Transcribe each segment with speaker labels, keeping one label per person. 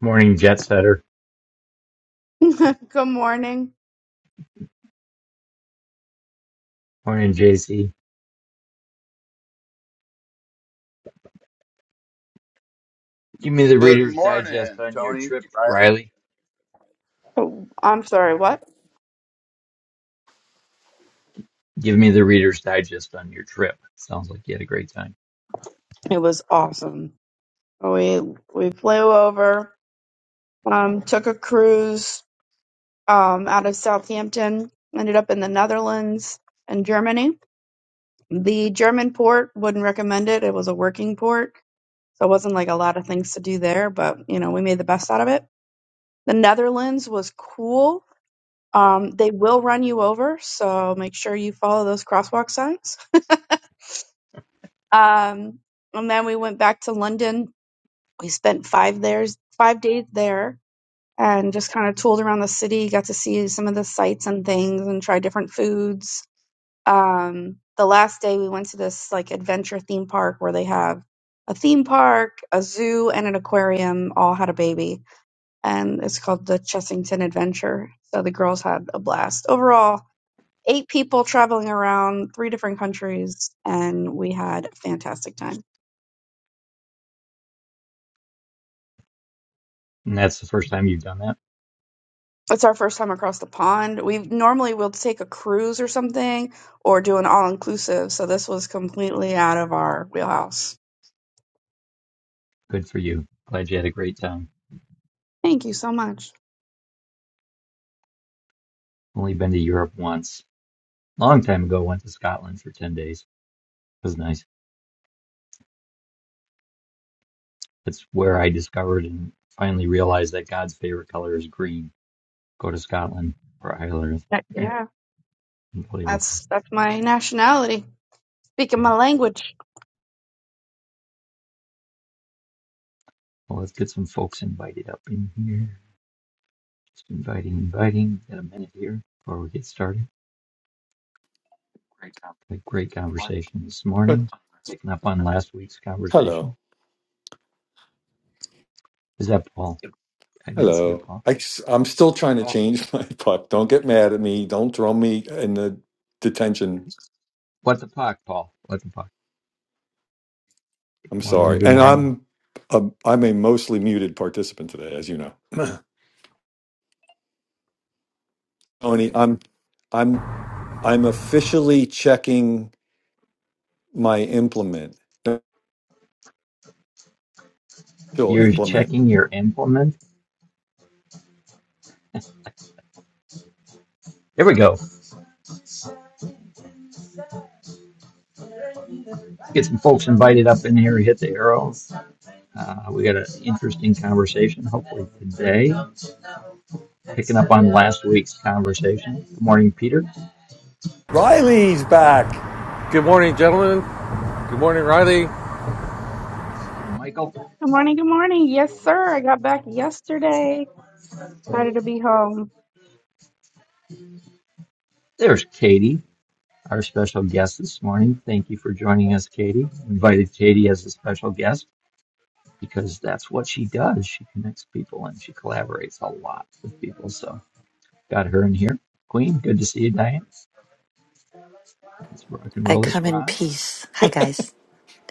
Speaker 1: Morning, Jet Setter.
Speaker 2: Good morning.
Speaker 1: Morning, JC. Give me the
Speaker 3: Good
Speaker 1: Reader's Digest
Speaker 3: morning,
Speaker 1: on your
Speaker 3: Tony
Speaker 1: trip,
Speaker 3: Riley.
Speaker 1: Riley.
Speaker 2: Oh, I'm sorry, what?
Speaker 1: Give me the Reader's Digest on your trip. Sounds like you had a great time.
Speaker 2: It was awesome. We we flew over, um, took a cruise um, out of Southampton, ended up in the Netherlands and Germany. The German port wouldn't recommend it. It was a working port, so it wasn't like a lot of things to do there, but you know, we made the best out of it. The Netherlands was cool. Um, they will run you over, so make sure you follow those crosswalk signs. Um, and then we went back to London we spent five there's five days there and just kind of tooled around the city got to see some of the sights and things and try different foods um the last day we went to this like adventure theme park where they have a theme park a zoo and an aquarium all had a baby and it's called the chessington adventure so the girls had a blast overall eight people traveling around three different countries and we had a fantastic time
Speaker 1: And that's the first time you've done that.
Speaker 2: it's our first time across the pond. We normally will take a cruise or something or do an all inclusive. So this was completely out of our wheelhouse.
Speaker 1: Good for you. Glad you had a great time.
Speaker 2: Thank you so much.
Speaker 1: Only been to Europe once. Long time ago, went to Scotland for 10 days. It was nice. That's where I discovered and finally realized that God's favorite color is green. Go to Scotland or Ireland.
Speaker 2: That- yeah,
Speaker 1: Unbelievable.
Speaker 2: that's that's my nationality. Speaking
Speaker 1: Yeah.
Speaker 2: my language.
Speaker 1: Well, let's get some folks invited up in here. Just inviting, inviting. Got a minute here before we get started. Had a great conversation this
Speaker 4: Good.
Speaker 1: morning, picking up on last week's
Speaker 4: Hello.
Speaker 1: conversation. Is that Paul? I didn't see you,
Speaker 4: Hello.
Speaker 1: Paul.
Speaker 4: I, am still trying to
Speaker 1: Well,
Speaker 4: change my puck. Don't get mad at me. Don't throw me in the detention.
Speaker 1: what the fuck, Paul? What the fuck? Good
Speaker 4: I'm
Speaker 1: morning,
Speaker 4: sorry.
Speaker 1: good
Speaker 4: And
Speaker 1: morning.
Speaker 4: I'm a, I'm a mostly muted participant today, as you know. Tony, I'm I'm I'm officially checking my implement. Official
Speaker 1: You're
Speaker 4: implement.
Speaker 1: checking your implement. There we go. Let's get some folks invited up in here. Hit the arrow. Uh, we got an interesting conversation, hopefully today, picking up on last week's conversation. Good morning, Peter. Good
Speaker 4: Riley's back.
Speaker 5: Good morning, gentlemen. Good morning, Riley.
Speaker 1: morning, Michael.
Speaker 2: Good morning. Good morning. Yes, sir. I got back yesterday. Excited to be home.
Speaker 1: There's Katie. our special guest this morning. Thank you for joining us, Katie. I Invited Katie as a special guest because that's what she does. She connects people and she collaborates a lot with people. So got her in here. Queen, good to see you, Diane. Let's rock and
Speaker 6: I
Speaker 1: roll this
Speaker 6: come in
Speaker 1: rock
Speaker 6: peace. Hi, guys.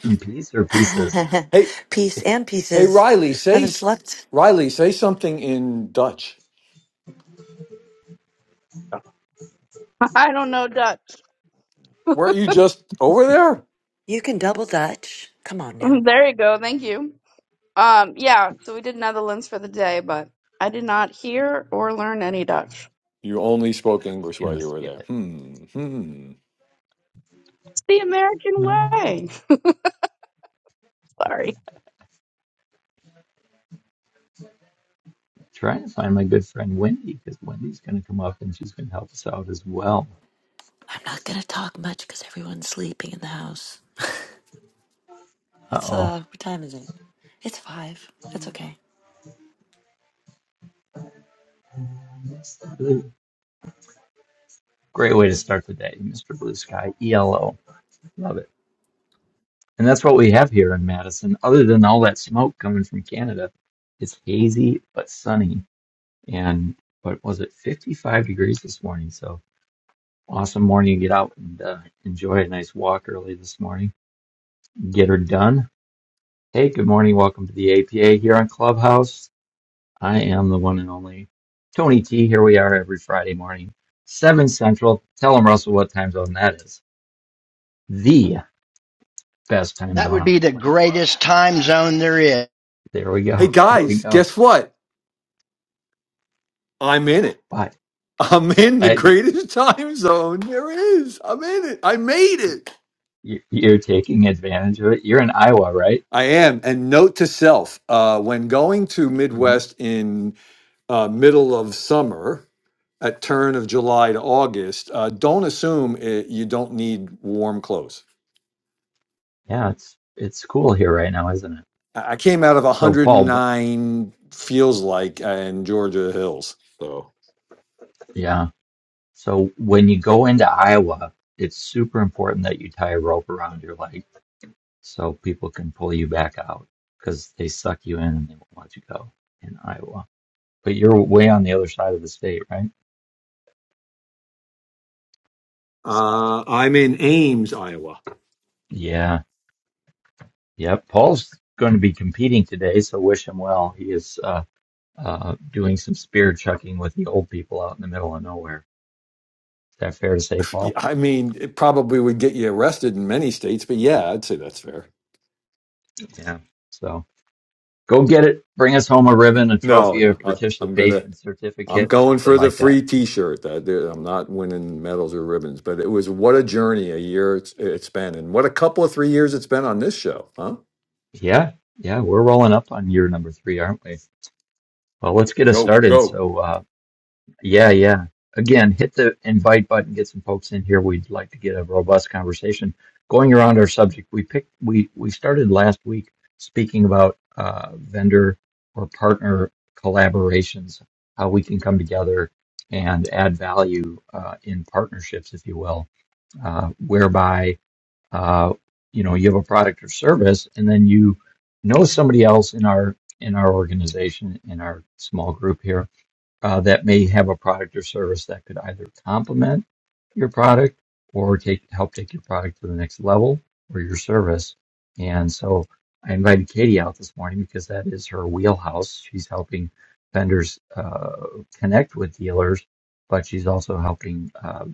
Speaker 1: in peace or pieces.
Speaker 4: Hey,
Speaker 6: peace
Speaker 1: I'm
Speaker 6: and
Speaker 4: hey,
Speaker 6: pieces.
Speaker 4: Riley,
Speaker 6: I
Speaker 4: say
Speaker 6: haven't
Speaker 4: s-
Speaker 6: slept.
Speaker 4: Riley, say something in Dutch.
Speaker 2: I don't know Dutch.
Speaker 4: Weren't you just over there?
Speaker 6: You can double dutch. Come on now.
Speaker 2: There you go. Thank you. Um, yeah. So we did Netherlands for the day, but I did not hear or learn any Dutch.
Speaker 4: You only spoke English while
Speaker 1: gonna
Speaker 4: you were
Speaker 1: skip
Speaker 4: there.
Speaker 1: it.
Speaker 4: Hmm. Hmm.
Speaker 2: It's the American
Speaker 1: Uh,
Speaker 2: way. Sorry.
Speaker 1: trying to find my good friend Wendy because Wendy's gonna come up and she's gonna help us out as well.
Speaker 6: I'm not going to talk much because everyone's sleeping in the house.
Speaker 1: Uh
Speaker 6: It's,
Speaker 1: oh.
Speaker 6: uh, what time is it? It's five. That's okay.
Speaker 1: Blue. Great way to start the day, Mr. Blue Sky ELO. Love it. And that's what we have here in Madison, other than all that smoke coming from Canada. It's hazy but sunny. And what was it, 55 degrees this morning? So awesome morning to get out and uh, enjoy a nice walk early this morning. Get her done. Hey, good morning. Welcome to the APA here on Clubhouse. I am the one and only Tony T. Here we are every Friday morning, 7 Central. Tell them, Russell, what time zone that is. The best time
Speaker 7: That
Speaker 1: zone
Speaker 7: would
Speaker 1: on
Speaker 7: be
Speaker 1: the
Speaker 7: the
Speaker 1: planet.
Speaker 7: greatest time zone there is.
Speaker 1: There we
Speaker 4: Hey
Speaker 1: go. Here we
Speaker 4: guys,
Speaker 1: go.
Speaker 4: guess what? I'm in it.
Speaker 1: But.
Speaker 4: I'm in the
Speaker 1: I,
Speaker 4: greatest time zone there is. I'm in it. I made it.
Speaker 1: You- You're taking advantage of it. You're in Iowa, right?
Speaker 4: I am. And note to self: uh, when going to
Speaker 1: hmm
Speaker 4: Midwest in uh, middle of summer, at turn of July to August, uh, don't assume it, you don't need warm clothes.
Speaker 1: Yeah, it's it's cool here right now, isn't it?
Speaker 4: I I came out of
Speaker 1: So, Paul, wh-
Speaker 4: 109 feels like uh, in Georgia hills. So.
Speaker 1: yeah. So when you go into Iowa, it's super important that you tie a rope around your leg so people can pull you back out because they suck you in and they won't let you go in Iowa. But you're way on the other side of the state, right? S-
Speaker 4: Uh, I'm in Ames, Iowa.
Speaker 1: Yeah. Yep. Paul's going to be competing today, so wish him well. He is uh, uh, doing some spear chucking with the old people out in the middle of nowhere. Is that fair to say, Paul?
Speaker 4: I mean, it probably would get you arrested in many states, but yeah, I'd say that's fair.
Speaker 1: Yeah. So go get it. Bring us home a ribbon, a
Speaker 4: No,
Speaker 1: trophy, a
Speaker 4: no, I, I'm gonna,
Speaker 1: participation
Speaker 4: I'm
Speaker 1: certificate,
Speaker 4: going
Speaker 1: something
Speaker 4: for the
Speaker 1: like that.
Speaker 4: free T-shirt. I, I'm not winning medals or ribbons, but it was what a journey a year it's, it's been, and what a couple of three years it's been on this show, huh?
Speaker 1: Yeah, yeah, we're rolling up on year number three, aren't we? Well, let's get us
Speaker 4: Go,
Speaker 1: started.
Speaker 4: go.
Speaker 1: So uh, Yeah, yeah. Again, hit the invite button, get some folks in here. We'd like to get a robust conversation going around our subject. We picked we we started last week speaking about uh, vendor or partner collaborations, how we can come together and add value uh, in partnerships, if you will, uh, whereby uh, you know you have a product or service, and then you know somebody else in our in our organization in our small group here uh, that may have a product or service that could either complement your product or take help take your product to the next level or your service. And so I invited Katie out this morning because that is her wheelhouse. She's helping vendors uh, connect with dealers, but she's also helping uh,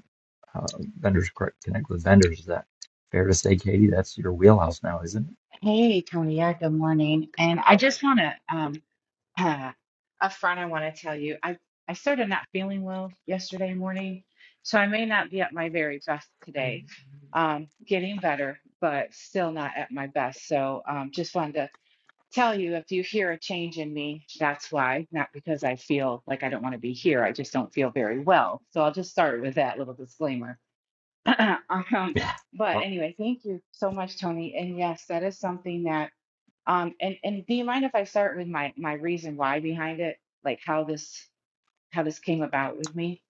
Speaker 1: uh, vendors cor- connect with vendors. Is that fair to say, Katie? That's your wheelhouse now, isn't
Speaker 8: Hey, Tony. Yeah, good morning. And I just want to um uh, upfront, I want to tell you, I I started not feeling well yesterday morning, so I may not be at my very best today. Um, getting better, but still not at my best. So um, just wanted to tell you if you hear a change in me, that's why, not because I feel like I don't want to be here. I just don't feel very well. So I'll just start with that little disclaimer. Um,
Speaker 1: it? Yeah.
Speaker 8: but anyway, thank you so much, Tony. And yes, that is something that. Um, and and do you mind if I start with my my reason why behind it, like how this how this came about with me?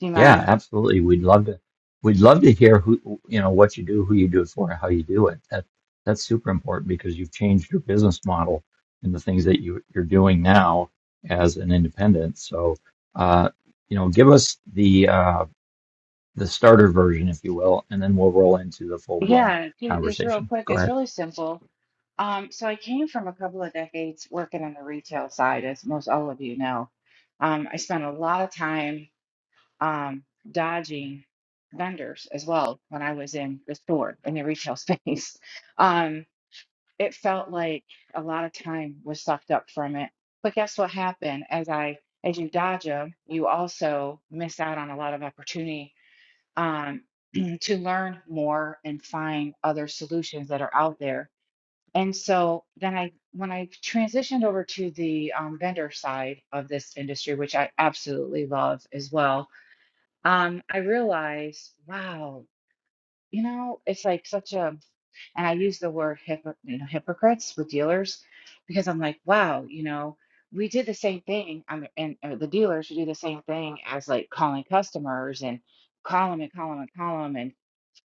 Speaker 8: Do you
Speaker 1: Yeah,
Speaker 8: mind?
Speaker 1: absolutely. We'd love to. We'd love to hear who you know what you do, who you do it for, and how you do it. That that's super important because you've changed your business model and the things that you you're doing now as an independent. So, uh, you know, give us the uh, the starter version, if you will, and then we'll roll into the full blown
Speaker 8: Yeah, do- it's real
Speaker 1: conversation.
Speaker 8: quick.
Speaker 1: Go
Speaker 8: It's
Speaker 1: ahead.
Speaker 8: really simple. Um, so I came from a couple of decades working on the retail side, as most all of you know. Um, I spent a lot of time um, dodging vendors as well when I was in the store in the retail space. Um, it felt like a lot of time was sucked up from it. But guess what happened? As I as you dodge them, you also miss out on a lot of opportunity um, to learn more and find other solutions that are out there. And so then I when I transitioned over to the um, vendor side of this industry, which I absolutely love as well, um, I realized, wow, you know, it's like such a and I use the word hypo, you know, hypocrites with dealers because I'm like, wow, you know, we did the same thing on the, and or the dealers should do the same thing as like calling customers and call them and call them and call 'em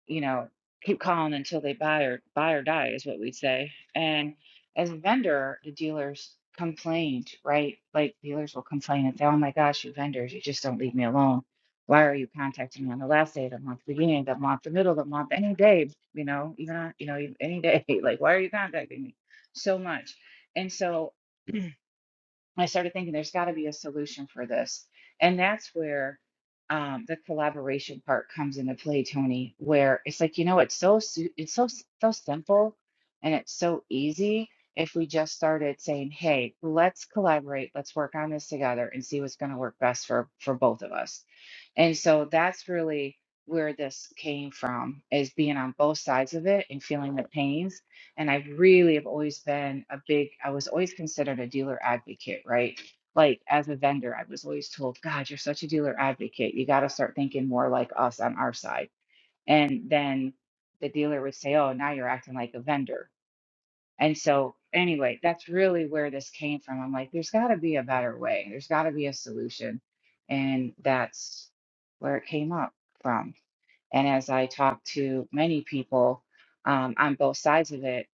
Speaker 8: you know, keep calling until they buy or buy or die is what we'd say. And as a vendor, the dealers complained, right? Like dealers will complain and say, "Oh my gosh, you vendors, you just don't leave me alone. Why are you contacting me on the last day of the month, beginning of the month, the middle of the month, any day? You know, even on, you know, any day. Like, why are you contacting me so much?" And so I started thinking there's got to be a solution for this. And that's where um, the collaboration part comes into play, Tony, where it's like, you know, it's so su- it's so s- so simple and it's so easy if we just started saying, "Hey, let's collaborate, let's work on this together and see what's going to work best for for both of us." And so that's really where this came from is being on both sides of it and feeling the pains and I really have always been a big, I was always considered a dealer advocate, right? Like as a vendor, I was always told, God, you're such a dealer advocate. You got to start thinking more like us on our side. And then the dealer would say, Oh, now you're acting like a vendor. And so, anyway, that's really where this came from. I'm like, there's got to be a better way, there's got to be a solution. And that's where it came up from. And as I talked to many people um, on both sides of it,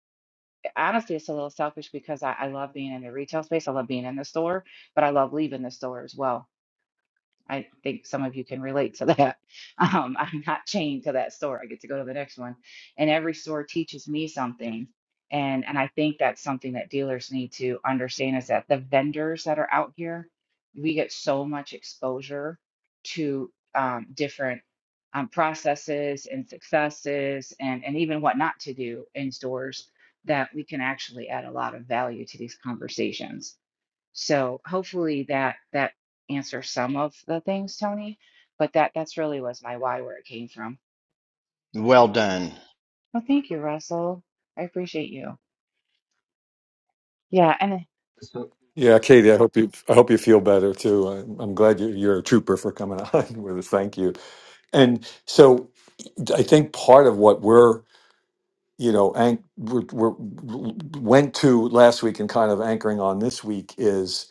Speaker 8: honestly, it's a little selfish because I, I love being in the retail space. I love being in the store, but I love leaving the store as well. I think some of you can relate to that. Um, I'm not chained to that store. I get to go to the next one. And every store teaches me something. And and I think that's something that dealers need to understand is that the vendors that are out here, we get so much exposure to um, different um, processes and successes and, and even what not to do in stores that we can actually add a lot of value to these conversations so hopefully that that answers some of the things, Tony. But that that's really was my why where it came from.
Speaker 7: Well done.
Speaker 8: Well, thank you, Russell. I appreciate you. Yeah, and then-
Speaker 1: So,
Speaker 4: Yeah, Katie, I hope you, I hope you feel better too. I, I'm glad you, you're a trooper for coming on with us. Thank you. And so, I think part of what we're you know, anch- we're, we're, went to last week and kind of anchoring on this week is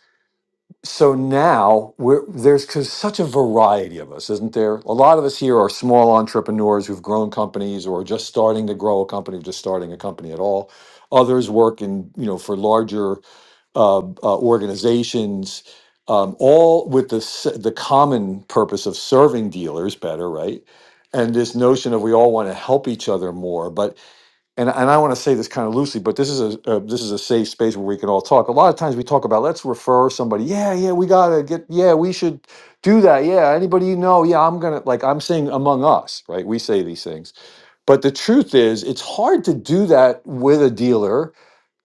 Speaker 4: so now we're, there's cause such a variety of us, isn't there? A lot of us here are small entrepreneurs who've grown companies or just starting to grow a company, just starting a company at all. Others work in, you know, for larger uh, uh, organizations, um, all with the s- the common purpose of serving dealers better, right? And this notion of we all want to help each other more, but and and I want to say this kind of loosely, but this is a, a this is a safe space where we can all talk. A lot of times we talk about let's refer somebody. Yeah, yeah, we gotta get. Yeah, we should do that. Yeah, anybody you know. Yeah, I'm gonna like I'm saying among us, right? We say these things, but the truth is, it's hard to do that with a dealer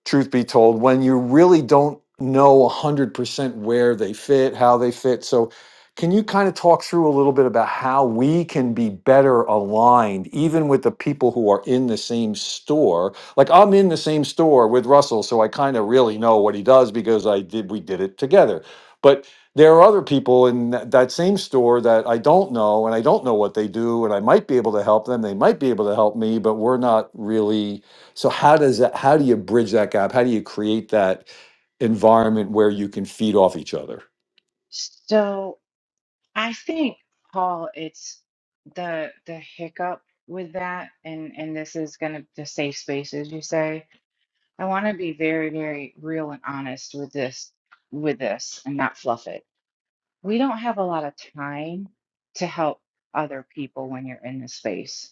Speaker 4: truth be told, when you really don't know 100% where they fit, how they fit. So, can you kind of talk through a little bit about how we can be better aligned, even with the people who are in the same store? Like, I'm in the same store with Russell, so I kind of really know what he does because I did, we did it together. But there are other people in that, that same store that I don't know, and I don't know what they do, and I might be able to help them. They might be able to help me, but we're not really so how does that, how do you bridge that gap? How do you create that environment where you can feed off each other?
Speaker 8: so I think, Paul, it's the the hiccup with that, and and this is gonna the safe space, as you say. I want to be very, very real and honest with this, with this, and not fluff it. We don't have a lot of time to help other people when you're in this space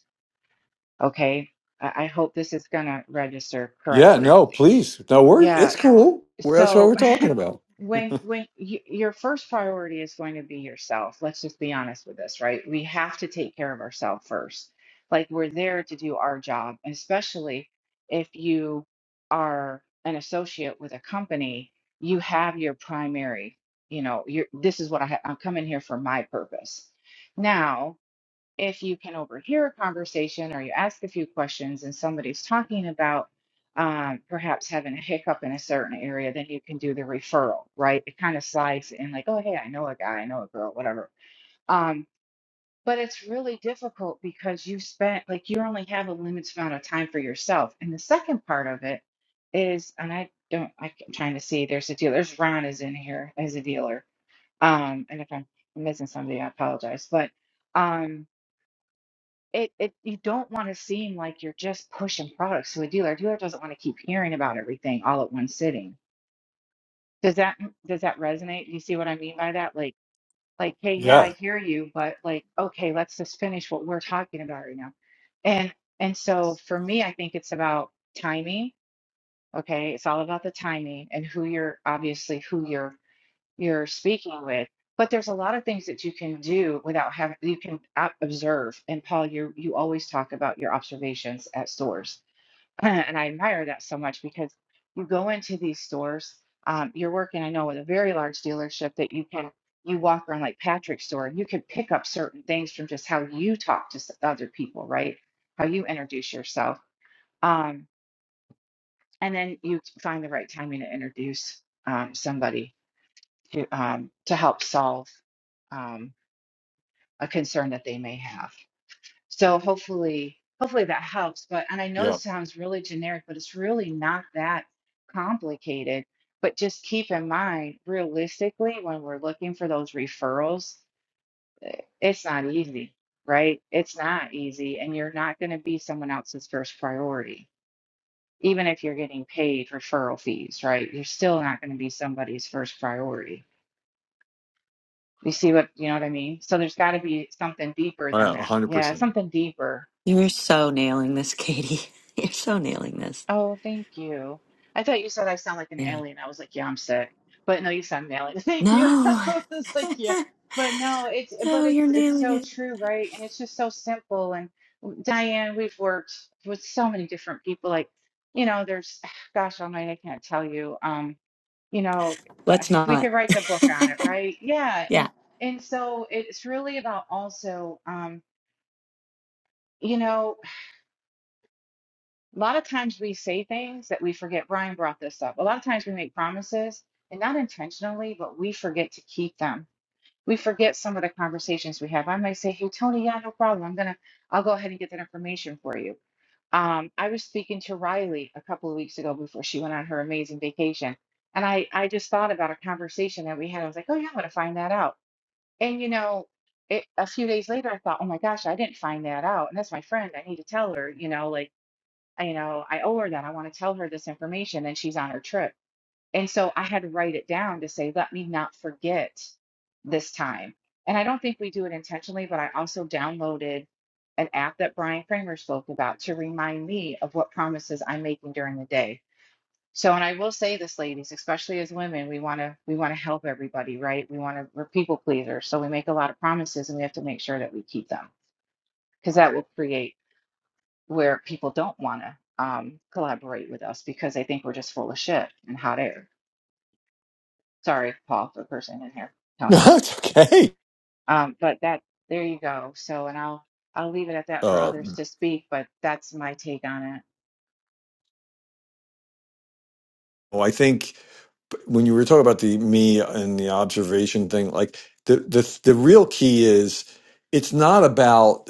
Speaker 8: Okay. I, I hope this is going to register
Speaker 4: Yeah,
Speaker 8: correctly.
Speaker 4: no, please. No, we're
Speaker 8: Yeah.
Speaker 4: it's cool. We're that's what
Speaker 8: So
Speaker 4: we're talking about.
Speaker 8: when when you, your first priority is going to be yourself, let's just be honest with this, right? We have to take care of ourselves first. Like we're there to do our job, especially if you are an associate with a company, you have your primary, you know, your this is what I ha- I'm coming here for my purpose. Now, if you can overhear a conversation or you ask a few questions and somebody's talking about um, perhaps having a hiccup in a certain area, then you can do the referral, right? It kind of slides in like, oh, hey, I know a guy, I know a girl, whatever. Um, but it's really difficult because you spent, like, you only have a limited amount of time for yourself. And the second part of it is, and I don't, I'm trying to see, there's a dealer, there's Ron is in here as a dealer. Um, and if I'm missing somebody, I apologize. But, um, it it you don't want to seem like you're just pushing products to a dealer. dealer doesn't want to keep hearing about everything all at one sitting. Does that does that resonate? Do you see what I mean by that? Like like hey, yeah, I
Speaker 4: Yeah,
Speaker 8: hear you, but like okay, let's just finish what we're talking about right now. And and so for me, I think it's about timing. Okay, it's all about the timing and who you're obviously who you're you're speaking with. But there's a lot of things that you can do without having, you can ob- observe. And Paul, you you always talk about your observations at stores. And I admire that so much because you go into these stores, um, you're working, I know, with a very large dealership that you can, you walk around like Patrick's store and you can pick up certain things from just how you talk to s- other people, right? How you introduce yourself. Um, and then you find the right timing to introduce um, somebody to um, to help solve um, a concern that they may have. So hopefully, hopefully that helps. But and I know
Speaker 4: yeah.
Speaker 8: this sounds really generic, but it's really not that complicated. But just keep in mind, realistically, when we're looking for those referrals, it's not easy, right? It's not easy, and you're not going to be someone else's first priority. Even if you're getting paid referral fees, right? You're still not going to be somebody's first priority You see what, you know what I mean? So there's got to be something deeper than
Speaker 4: A
Speaker 8: that.
Speaker 4: hundred
Speaker 8: Yeah,
Speaker 4: percent.
Speaker 8: something deeper.
Speaker 6: You're so nailing this, Katie. You're so nailing this.
Speaker 8: Oh, thank you. I thought you said I sound like an
Speaker 6: Yeah.
Speaker 8: alien. I was like, yeah, I'm sick. But no, you sound an alien. Thank you.
Speaker 6: No,
Speaker 8: I was like, yeah. But no, it's but
Speaker 6: no, you're
Speaker 8: it's it's
Speaker 6: nailing
Speaker 8: so
Speaker 6: it.
Speaker 8: true, right? And it's just so simple. And Diane, we've worked with so many different people. Like, you know, there's, gosh, almighty, I can't tell you. Um, you know,
Speaker 6: Let's
Speaker 8: we
Speaker 6: not.
Speaker 8: could write the book on it, right? Yeah, and
Speaker 6: yeah.
Speaker 8: and so it's really about also. um. You know, a lot of times we say things that we forget. Brian brought this up. A lot of times we make promises and not intentionally, but we forget to keep them. We forget some of the conversations we have. I might say, Hey, Tony, yeah, no problem. I'm gonna, I'll go ahead and get that information for you. Um, I was speaking to Riley a couple of weeks ago before she went on her amazing vacation. And I, I just thought about a conversation that we had. I was like, Oh, yeah, I'm gonna find that out. And you know, it, a few days later, I thought, Oh my gosh, I didn't find that out. And that's my friend. I need to tell her, you know, like, you know, I owe her that. I want to tell her this information and she's on her trip. And so I had to write it down to say, let me not forget this time. And I don't think we do it intentionally, but I also downloaded an app that Brian Kramer spoke about to remind me of what promises I'm making during the day. So, and I will say this, ladies, especially as women, we want to we want to help everybody, right? We want to we're people pleasers, so we make a lot of promises and we have to make sure that we keep them because that will create where people don't want to um, collaborate with us because they think we're just full of shit and hot air. Sorry, Paul, for person in here,
Speaker 4: No,
Speaker 8: Tony.
Speaker 4: it's okay.
Speaker 8: Um, but that there you go. So, and I'll I'll leave it at that for
Speaker 4: Uh
Speaker 8: others to speak. But that's my take on it.
Speaker 4: well, I think when you were talking about the me and the observation thing, like the the the real key is it's not about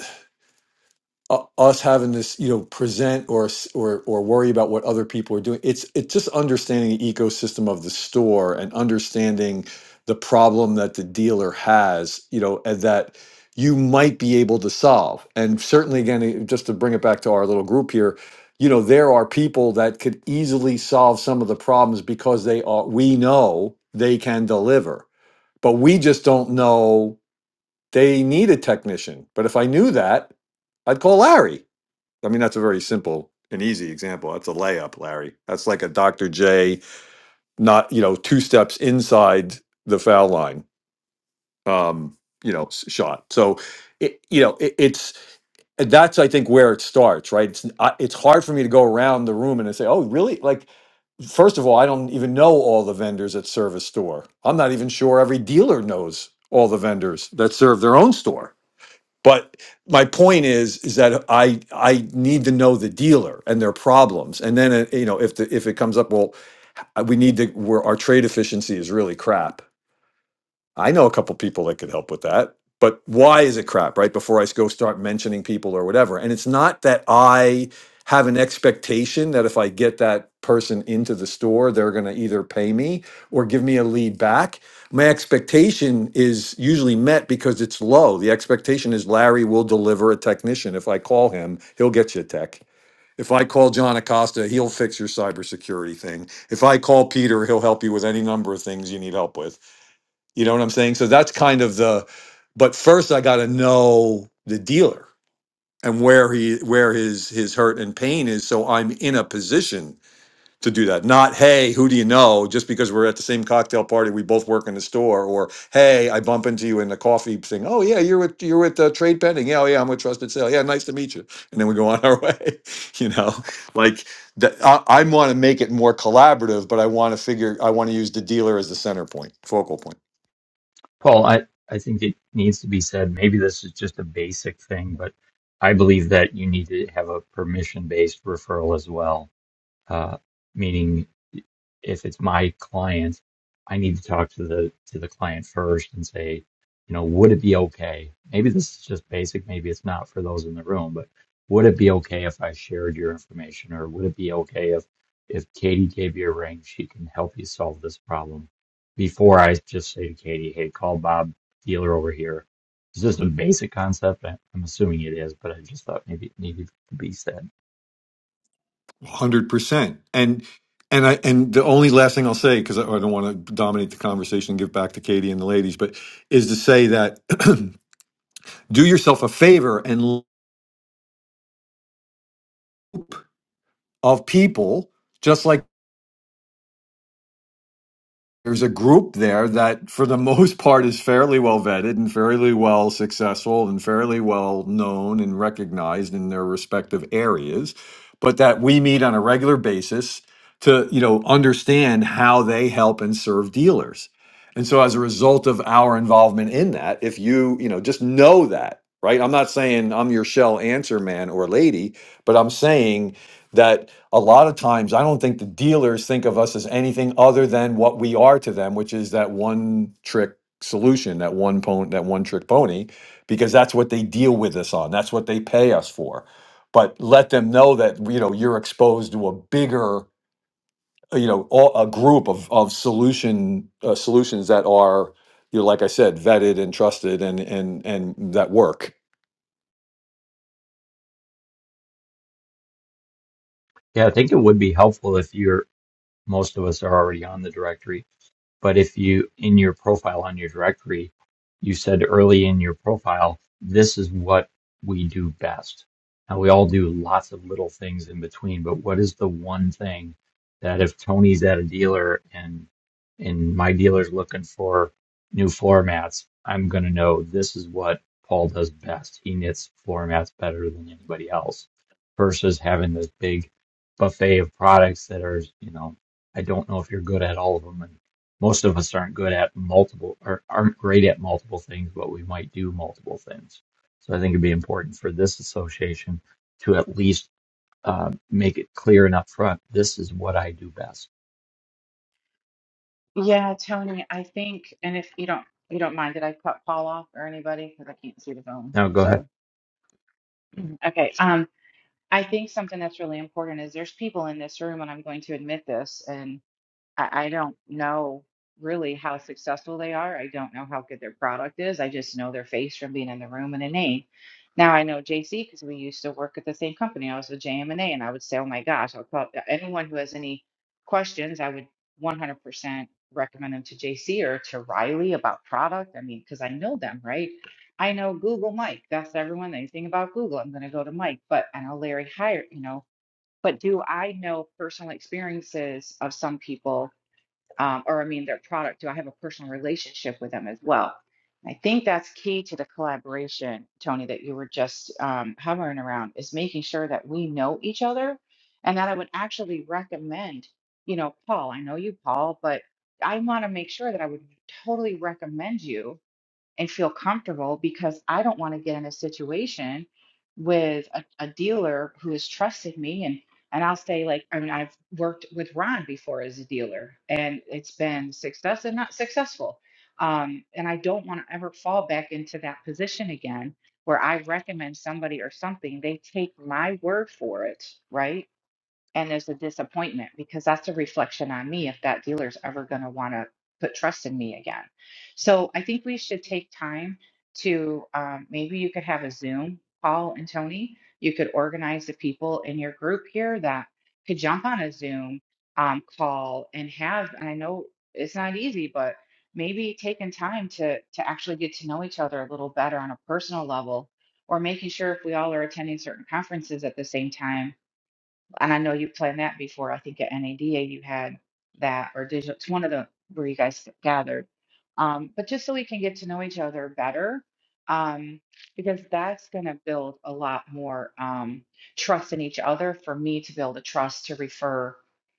Speaker 4: u- us having this you know present or s- or or worry about what other people are doing it's it's just understanding the ecosystem of the store and understanding the problem that the dealer has you know and that you might be able to solve and certainly again eh, just to bring it back to our little group here you know there are people that could easily solve some of the problems because they are we know they can deliver but we just don't know they need a technician but if i knew that i'd call larry I mean, that's a very simple and easy example. That's a layup, Larry. That's like a Dr. J, not, you know, two steps inside the foul line, um, you know, s- shot. So, it, you know, it, it's, that's I think where it starts, right? It's I, it's hard for me to go around the room and I say, "Oh, really?" Like, first of all, I don't even know all the vendors at Service Store. I'm not even sure every dealer knows all the vendors that serve their own store. But my point is, is that I I need to know the dealer and their problems, and then uh, you know if the if it comes up, well, uh, we need to where our trade efficiency is really crap I know a couple people that could help with that. But why is it crap, right? Before I go start mentioning people or whatever. And it's not that I have an expectation that if I get that person into the store, they're going to either pay me or give me a lead back. My expectation is usually met because it's low. The expectation is Larry will deliver a technician. If I call him, he'll get you a tech. If I call John Acosta, he'll fix your cybersecurity thing. If I call Peter, he'll help you with any number of things you need help with you know what I'm saying? So that's kind of the but first I got to know the dealer and where he where his his hurt and pain is so I'm in a position to do that. Not hey, who do you know just because we're at the same cocktail party we both work in the store or hey, I bump into you in the coffee thing. Oh yeah, you're with you're with uh, Trade Pending. Yeah, oh, yeah, I'm with Trusted Sale. Yeah, nice to meet you. And then we go on our way, you know. Like that I, I want to make it more collaborative, but I want to figure I want to use the dealer as the center point, focal point.
Speaker 1: Paul, I I think it needs to be said. Maybe this is just a basic thing, but I believe that you need to have a permission based referral as well uh, meaning if it's my client, I need to talk to the to the client first and say, you know, would it be okay? Maybe this is just basic, maybe it's not for those in the room, but would it be okay if I shared your information or would it be okay if if Katie gave you a ring, she can help you solve this problem before I just say to Katie, hey, call Bob dealer over here. Is this a basic concept? I- I'm assuming it is, but I just thought maybe it needed to be said.
Speaker 4: one Hundred percent. And and I and the only last thing I'll say because I, I don't want to dominate the conversation and give back to Katie and the ladies, but is to say that do yourself a favor and l- of people just like. there's a group there that for the most part is fairly well vetted and fairly well successful and fairly well known and recognized in their respective areas but that we meet on a regular basis to you know understand how they help and serve dealers and so as a result of our involvement in that if you you know just know that right i'm not saying i'm your shell answer man or lady but i'm saying that a lot of times I don't think the dealers think of us as anything other than what we are to them, which is that one trick solution, that one pon- that one trick pony, because that's what they deal with us on. That's what they pay us for. But let them know that you know you're exposed to a bigger, uh, you know, all, a group of of solution uh, solutions that are, you know, like I said, vetted and trusted and and and that work.
Speaker 1: Yeah, I think it would be helpful if you're Most of us are already on the directory. But if you, in your profile on your directory, you said early in your profile, this is what we do best. Now we all do lots of little things in between, but what is the one thing that if Tony's at a dealer and and my dealer's looking for new floor mats, I'm gonna know this is what Paul does best. He knits floor mats better than anybody else versus having this big buffet of products that are, you know, I don't know if you're good at all of them and most of us aren't good at multiple or aren't great at multiple things, but we might do multiple things. So I think it'd be important for this association to at least uh, make it clear and upfront. This is what I do best.
Speaker 8: Yeah, Tony, I think, and if you don't you don't mind, did I cut Paul off or anybody? Because I can't see the phone.
Speaker 1: Now go ahead.
Speaker 8: So, Mhm. okay. Um, I think something that's really important is there's people in this room, and I'm going to admit this, and I, I don't know really how successful they are. I don't know how good their product is. I just know their face from being in the room and a name. Now I know JC because we used to work at the same company. I was with JM&A, and A, and I would say, "Oh my gosh!" I'll call anyone who has any questions. I would 100% recommend them to JC or to Riley about product. I mean, because I know them, right? I know Google Mike. That's everyone. Anything about Google, I'm going to go to Mike. But I know Larry Hire, you know. But do I know personal experiences of some people? um, or I mean their product? Do I have a personal relationship with them as well? I think that's key to the collaboration, Tony, that you were just um, hovering around is making sure that we know each other and that I would actually recommend, you know, Paul, I know you, Paul, but I want to make sure that I would totally recommend you and feel comfortable because I don't want to get in a situation with a, a dealer who has trusted me and and I'll say like I mean I've worked with Ron before as a dealer and it's been success and not successful. Um, and I don't want to ever fall back into that position again where I recommend somebody or something, they take my word for it, right? and there's a disappointment because that's a reflection on me if that dealer's ever going to want to put trust in me again. So I think we should take time to um, maybe you could have a Zoom, Paul and Tony. You could organize the people in your group here that could jump on a Zoom um, call and have. And I know it's not easy, but maybe taking time to to actually get to know each other a little better on a personal level, or making sure if we all are attending certain conferences at the same time and I know you planned that before. I think at NADA you had that, or digital, it's one of the where you guys gathered. Um, but just so we can get to know each other better, um, because that's going to build a lot more um, trust in each other for me to build a trust to refer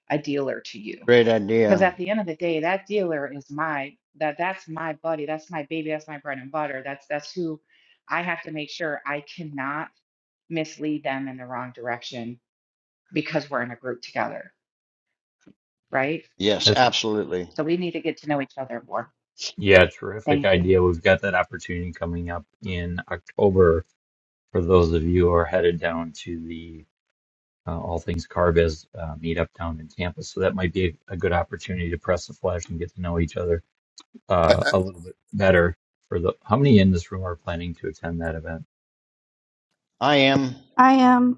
Speaker 8: a dealer to you.
Speaker 7: Great
Speaker 8: Because
Speaker 7: idea.
Speaker 8: at the end of the day, that dealer is my that that's my buddy, that's my baby, that's my bread and butter. That's that's who I have to make sure I cannot mislead them in the wrong direction because we're in a group together, right?
Speaker 7: Yes,
Speaker 1: That's a
Speaker 7: absolutely.
Speaker 8: So we need to get to know each other more.
Speaker 1: yeah, terrific
Speaker 8: Thank you.
Speaker 1: idea. We've got that opportunity coming up in October for those of you who are headed down to the uh, All Things Carbiz uh, meetup down in Tampa. So that might be a, a good opportunity to press the flesh and get to know each other
Speaker 3: I,
Speaker 1: uh,
Speaker 3: I,
Speaker 1: a little bit better for the how many in this room are planning to attend that event?
Speaker 7: I am.
Speaker 2: I am.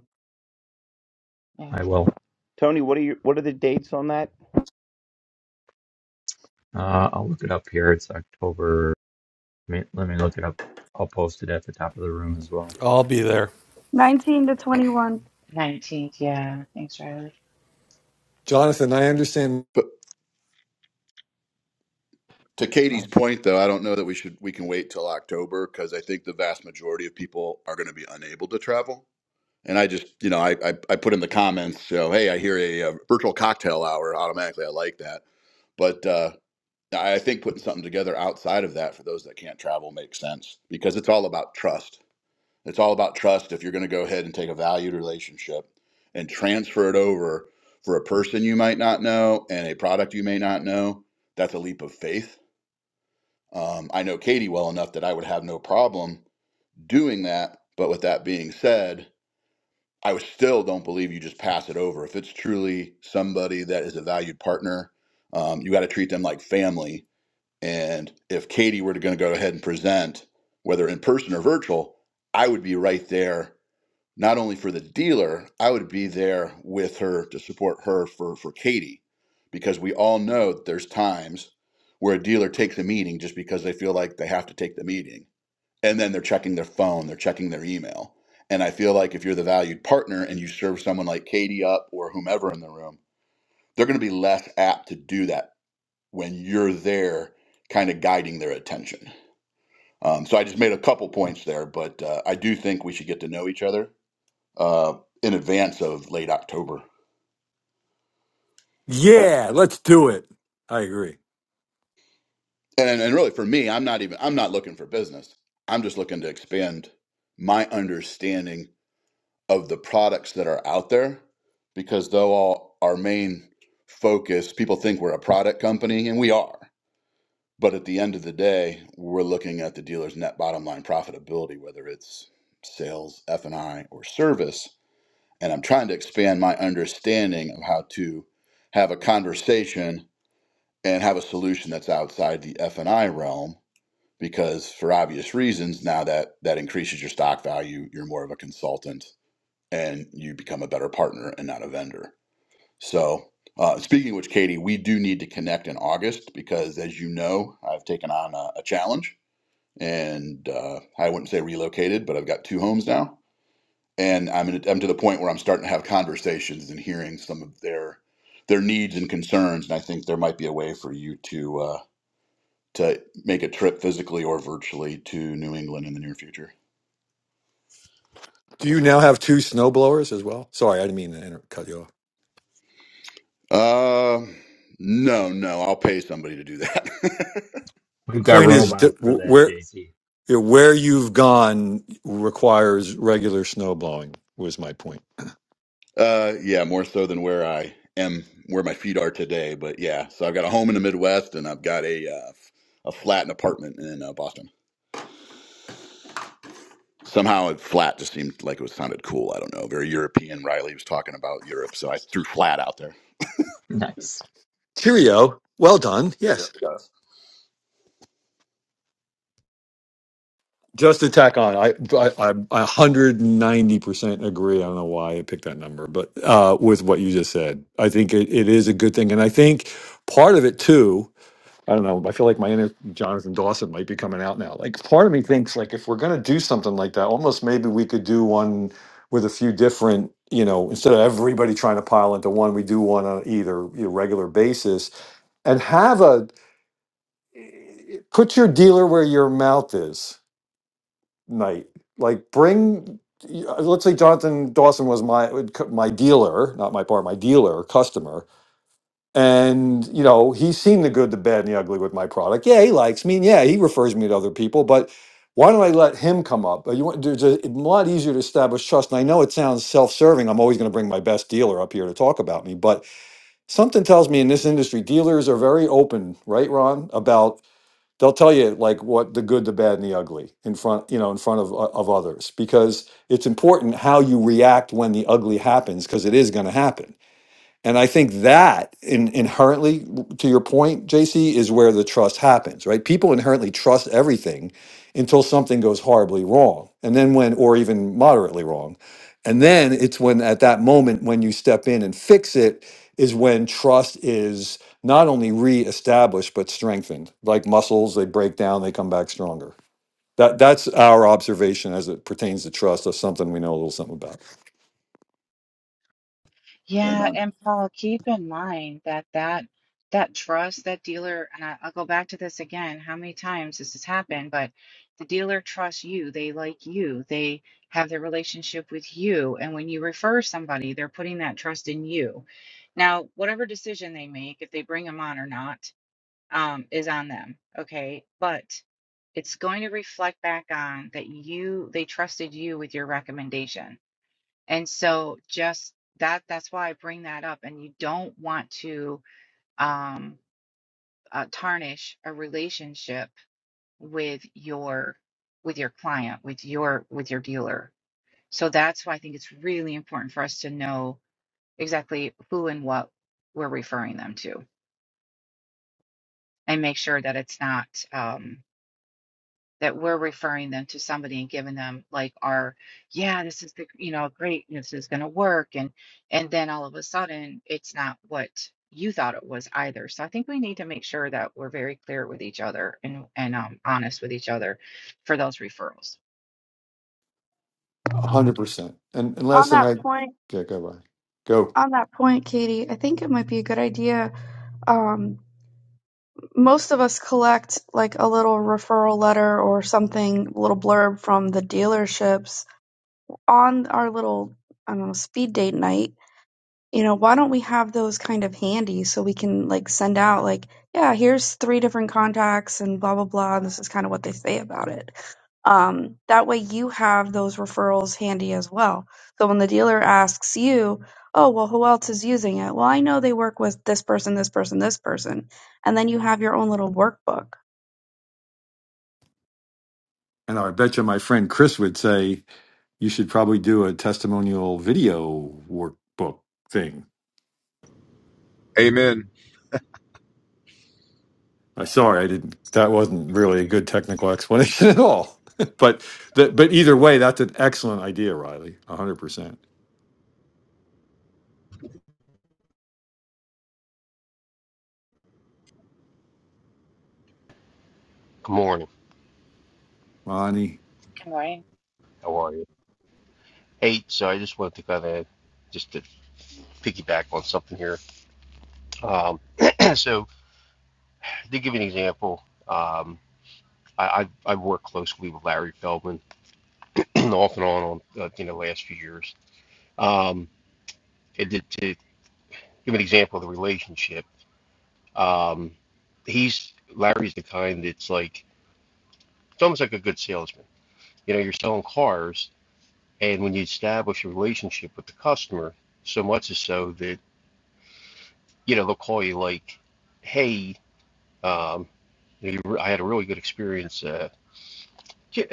Speaker 8: Yeah.
Speaker 1: I will.
Speaker 9: Tony, what are your what are the dates on that?
Speaker 1: Uh, I'll look it up here. It's October. Let me, let me look it up. I'll post it at the top of the room as well.
Speaker 5: I'll be there.
Speaker 2: 19 to 21.
Speaker 8: 19th. Yeah. Thanks, Riley.
Speaker 4: Jonathan, I understand
Speaker 3: but to Katie's point, though, I don't know that we should we can wait till October because I think the vast majority of people are going to be unable to travel. And I just, you know, I, I I put in the comments, so hey, I hear a, uh virtual cocktail hour automatically. I like that, but uh, I I think putting something together outside of that for those that can't travel makes sense because it's all about trust. It's all about trust. If you're going to go ahead and take a valued relationship and transfer it over for a person you might not know and a product you may not know, that's a leap of faith. Um, I know Katie well enough that I would have no problem doing that. But with that being said, I was- still don't believe you just pass it over. If it's truly somebody that is a valued partner, um, you got to treat them like family. And if Katie were to going to go ahead and present, whether in person or virtual, I would be right there not only for the dealer, I would be there with her to support her for for Katie, because we all know that there's times where a dealer takes a meeting just because they feel like they have to take the meeting, and then they're checking their phone, they're checking their email, and I feel like if you're the valued partner and you serve someone like Katie up or whomever in the room, they're going to be less apt to do that when you're there, kind of guiding their attention. Um, so I just made a couple points there, but uh, I do think we should get to know each other uh, in advance of late October.
Speaker 4: Yeah, let's do it. I agree.
Speaker 3: And, and and really for me, I'm not even I'm not looking for business. I'm just looking to expand my understanding of the products that are out there because though all our main focus, people think we're a product company and we are. But at the end of the day, we're looking at the dealer's net bottom line profitability, whether it's sales, F&I, or service. And I'm trying to expand my understanding of how to have a conversation and have a solution that's outside the F and I realm because for obvious reasons now that that increases your stock value you're more of a consultant and you become a better partner and not a vendor so uh, speaking of which katie we do need to connect in august because as you know i've taken on a, a challenge and uh, i wouldn't say relocated but i've got two homes now and I'm, in, I'm to the point where i'm starting to have conversations and hearing some of their their needs and concerns and i think there might be a way for you to uh, to make a trip physically or virtually to New England in the near future?
Speaker 4: Do you now have two snow blowers as well? Sorry, I didn't mean to inter- cut you off.
Speaker 3: Uh, no, no, I'll pay somebody to do that.
Speaker 4: The
Speaker 1: We've got
Speaker 4: point is
Speaker 1: robots
Speaker 4: that
Speaker 1: for
Speaker 4: w-
Speaker 1: that,
Speaker 4: where
Speaker 1: JC.
Speaker 4: yeah, where you've gone requires regular snow blowing. Was my point.
Speaker 3: uh, yeah, more so than where I am, where my feet are today. But yeah, so I've got a home in the Midwest, and I've got a uh, f- a flat and apartment in uh, Boston. Somehow, it flat just seemed like it was sounded cool. I don't know, very European. Riley was talking about Europe, so I threw flat out there.
Speaker 1: Nice,
Speaker 4: Cheerio. Well done. Yes. Just to tack on, I I I a hundred and ninety percent agree. I don't know why I picked that number, but uh, with what you just said, I think it, it is a good thing, and I think part of it too. I don't know. I feel like my inner Jonathan Dawson might be coming out now. Like part of me thinks like if we're gonna do something like that, almost maybe we could do one with a few different, you know, instead of everybody trying to pile into one, we do one on either you know, regular basis and have a put your dealer where your mouth is night. Like bring let's say Jonathan Dawson was my would co- my dealer, not my bar, my dealer, customer and you know he's seen the good the bad and the ugly with my product yeah he likes me and yeah he refers me to other people but why don't i let him come up Uh, you want there's a, it's a lot easier to establish trust and i know it sounds self-serving i'm always going to bring my best dealer up here to talk about me but something tells me in this industry dealers are very open right ron about they'll tell you like what the good the bad and the ugly in front you know in front of uh, of others because it's important how you react when the ugly happens because it is going to happen and I think that in, inherently, to your point, JC, is where the trust happens, right? People inherently trust everything until something goes horribly wrong, and then when, or even moderately wrong. And then it's when, at that moment, when you step in and fix it, is when trust is not only reestablished, but strengthened. Like muscles, they break down, they come back stronger. That, that's our observation as it pertains to trust. That's something we know a little something about.
Speaker 8: Yeah.
Speaker 3: Amen.
Speaker 8: And Paul, keep in mind that that, that trust, that dealer, and I, I'll go back to this again, how many times this has happened, but the dealer trusts you. They like you. They have their relationship with you. And when you refer somebody, they're putting that trust in you. Now, whatever decision they make, if they bring them on or not, um, is on them. Okay. But it's going to reflect back on that you, they trusted you with your recommendation. And so just that, that's why I bring that up. And you don't want to um, uh, tarnish a relationship with your, with your client, with your, with your dealer. So that's why I think it's really important for us to know exactly who and what we're referring them to and make sure that it's not um, that we're referring them to somebody and giving them like our yeah this is the you know great this is going to work and and then all of a sudden it's not what you thought it was either so i think we need to make sure that we're very clear with each other and and um, honest with each other for those referrals
Speaker 4: hundred percent. And and last
Speaker 2: On
Speaker 4: thing
Speaker 2: that
Speaker 4: I
Speaker 2: point,
Speaker 4: okay, go by. Go.
Speaker 2: on that point, Katie, I think it might be a good idea. Um, most of us collect like a little referral letter or something, a little blurb from the dealerships on our little, I don't know, speed date night. you know, why don't we have those kind of handy so we can like send out like, yeah, here's three different contacts and blah blah blah. And this is kind of what they say about it. Um, that way you have those referrals handy as well. So when the dealer asks you, oh well, who else is using it? Well, I know they work with this person, this person, this person, and then you have your own little workbook
Speaker 4: And I bet you my friend Chris would say you should probably do a testimonial video workbook thing.
Speaker 10: Amen.
Speaker 4: I sorry I didn't that wasn't really a good technical explanation at all. but that but either way, that's an excellent idea, Riley. A hundred percent.
Speaker 11: Good morning.
Speaker 4: Ronnie.
Speaker 8: good morning
Speaker 11: How are you? Hey, so I just wanted to kind of just to piggyback on something here. Um, so to give you an example, um, I, I I work closely with Larry Feldman off and on on uh, you know last few years. Um, and to, to give an example of the relationship, um, he's Larry's the kind that's like it's almost like a good salesman. You know, you're selling cars, and when you establish a relationship with the customer, so much is so that you know, they'll call you like, hey, um, you know, you- I had a really good experience. Uh, you,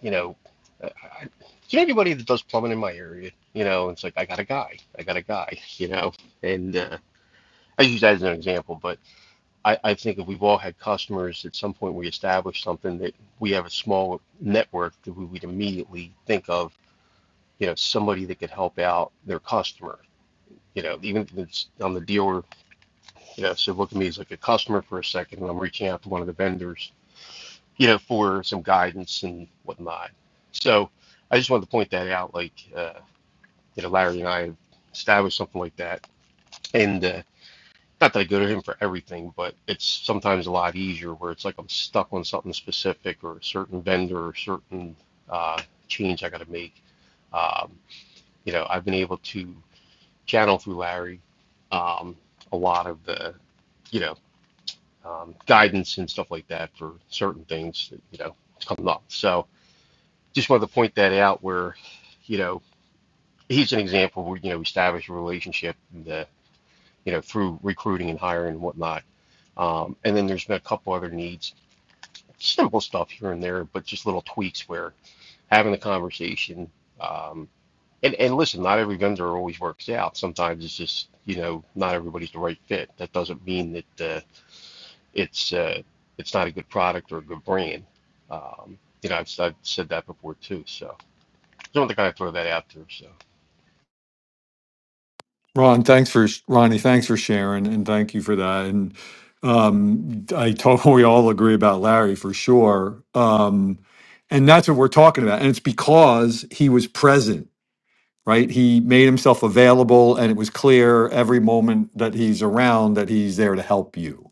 Speaker 11: you know, uh, I, do you know anybody that does plumbing in my area? You know, it's like I got a guy, I got a guy. You know, and uh, I use that as an example, but I, I think if we've all had customers at some point, we establish something that we have a small network that we would immediately think of. You know, somebody that could help out their customer. You know, even if it's on the dealer Yeah, so look at me as like a customer for a second, and I'm reaching out to one of the vendors, you know, for some guidance and whatnot. So I just wanted to point that out. Like, uh, you know, Larry and I have established something like that, and uh, not that I go to him for everything, but it's sometimes a lot easier where it's like I'm stuck on something specific or a certain vendor or certain uh, change I got to make. Um, you know, I've been able to channel through Larry um, a lot of the, you know. um, guidance and stuff like that for certain things that you know come up. So just wanted to point that out where you know he's an example where you know we establish a relationship and, uh, you know through recruiting and hiring and whatnot. Um, and then there's been a couple other needs, simple stuff here and there, but just little tweaks where having the conversation. Um, and, and listen, not every vendor always works out. Sometimes it's just, you know, not everybody's the right fit. That doesn't mean that, uh, it's uh, it's not a good product or a good brand. Um, you know, I've, I've said that before too. So just wanted to kind of throw that out there. So,
Speaker 4: Ron, thanks for sh- Ronnie, thanks for sharing, and thank you for that. And um, I totally we all agree about Larry for sure. Um, and that's what we're talking about. And it's because he was present, right? He made himself available, and it was clear every moment that he's around that he's there to help you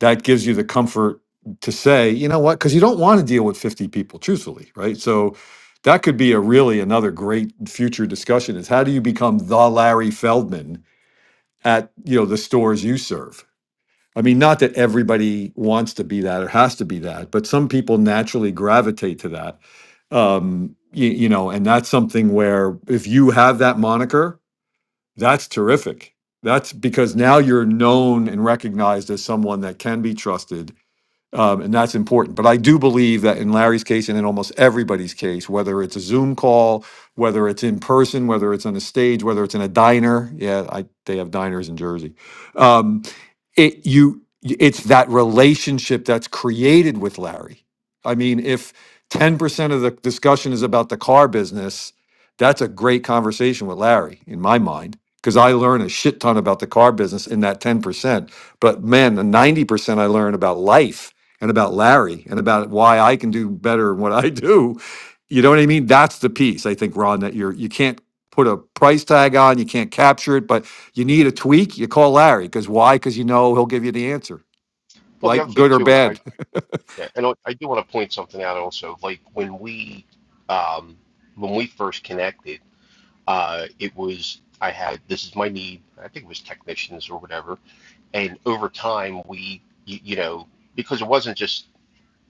Speaker 4: that gives you the comfort to say, you know what, because you don't want to deal with 50 people, truthfully, right? So that could be a really another great future discussion is how do you become the Larry Feldman at you know the stores you serve? I mean, not that everybody wants to be that or has to be that, but some people naturally gravitate to that. Um, you, you know, and that's something where if you have that moniker, that's terrific. That's because now you're known and recognized as someone that can be trusted um, and that's important. But I do believe that in Larry's case and in almost everybody's case, whether it's a Zoom call, whether it's in person, whether it's on a stage, whether it's in a diner, yeah, I, they have diners in Jersey. Um, it you it's that relationship that's created with Larry. I mean, if 10% of the discussion is about the car business, that's a great conversation with Larry in my mind because I learn a shit ton about the car business in that 10%. But man, the 90% I learn about life and about Larry and about why I can do better in what I do. You know what I mean? That's the piece I think Ron that you're you can't put a price tag on, you can't capture it, but you need a tweak, you call Larry. Because why? Because you know he'll give you the answer,
Speaker 11: well, the
Speaker 4: like
Speaker 11: other thing
Speaker 4: good or
Speaker 11: too is I
Speaker 4: bad.
Speaker 11: yeah, and I know, I do want to point something out also. Like when we um, when we first connected, uh, it was I had this is my need. I think it was technicians or whatever. And over time, we you, you know because it wasn't just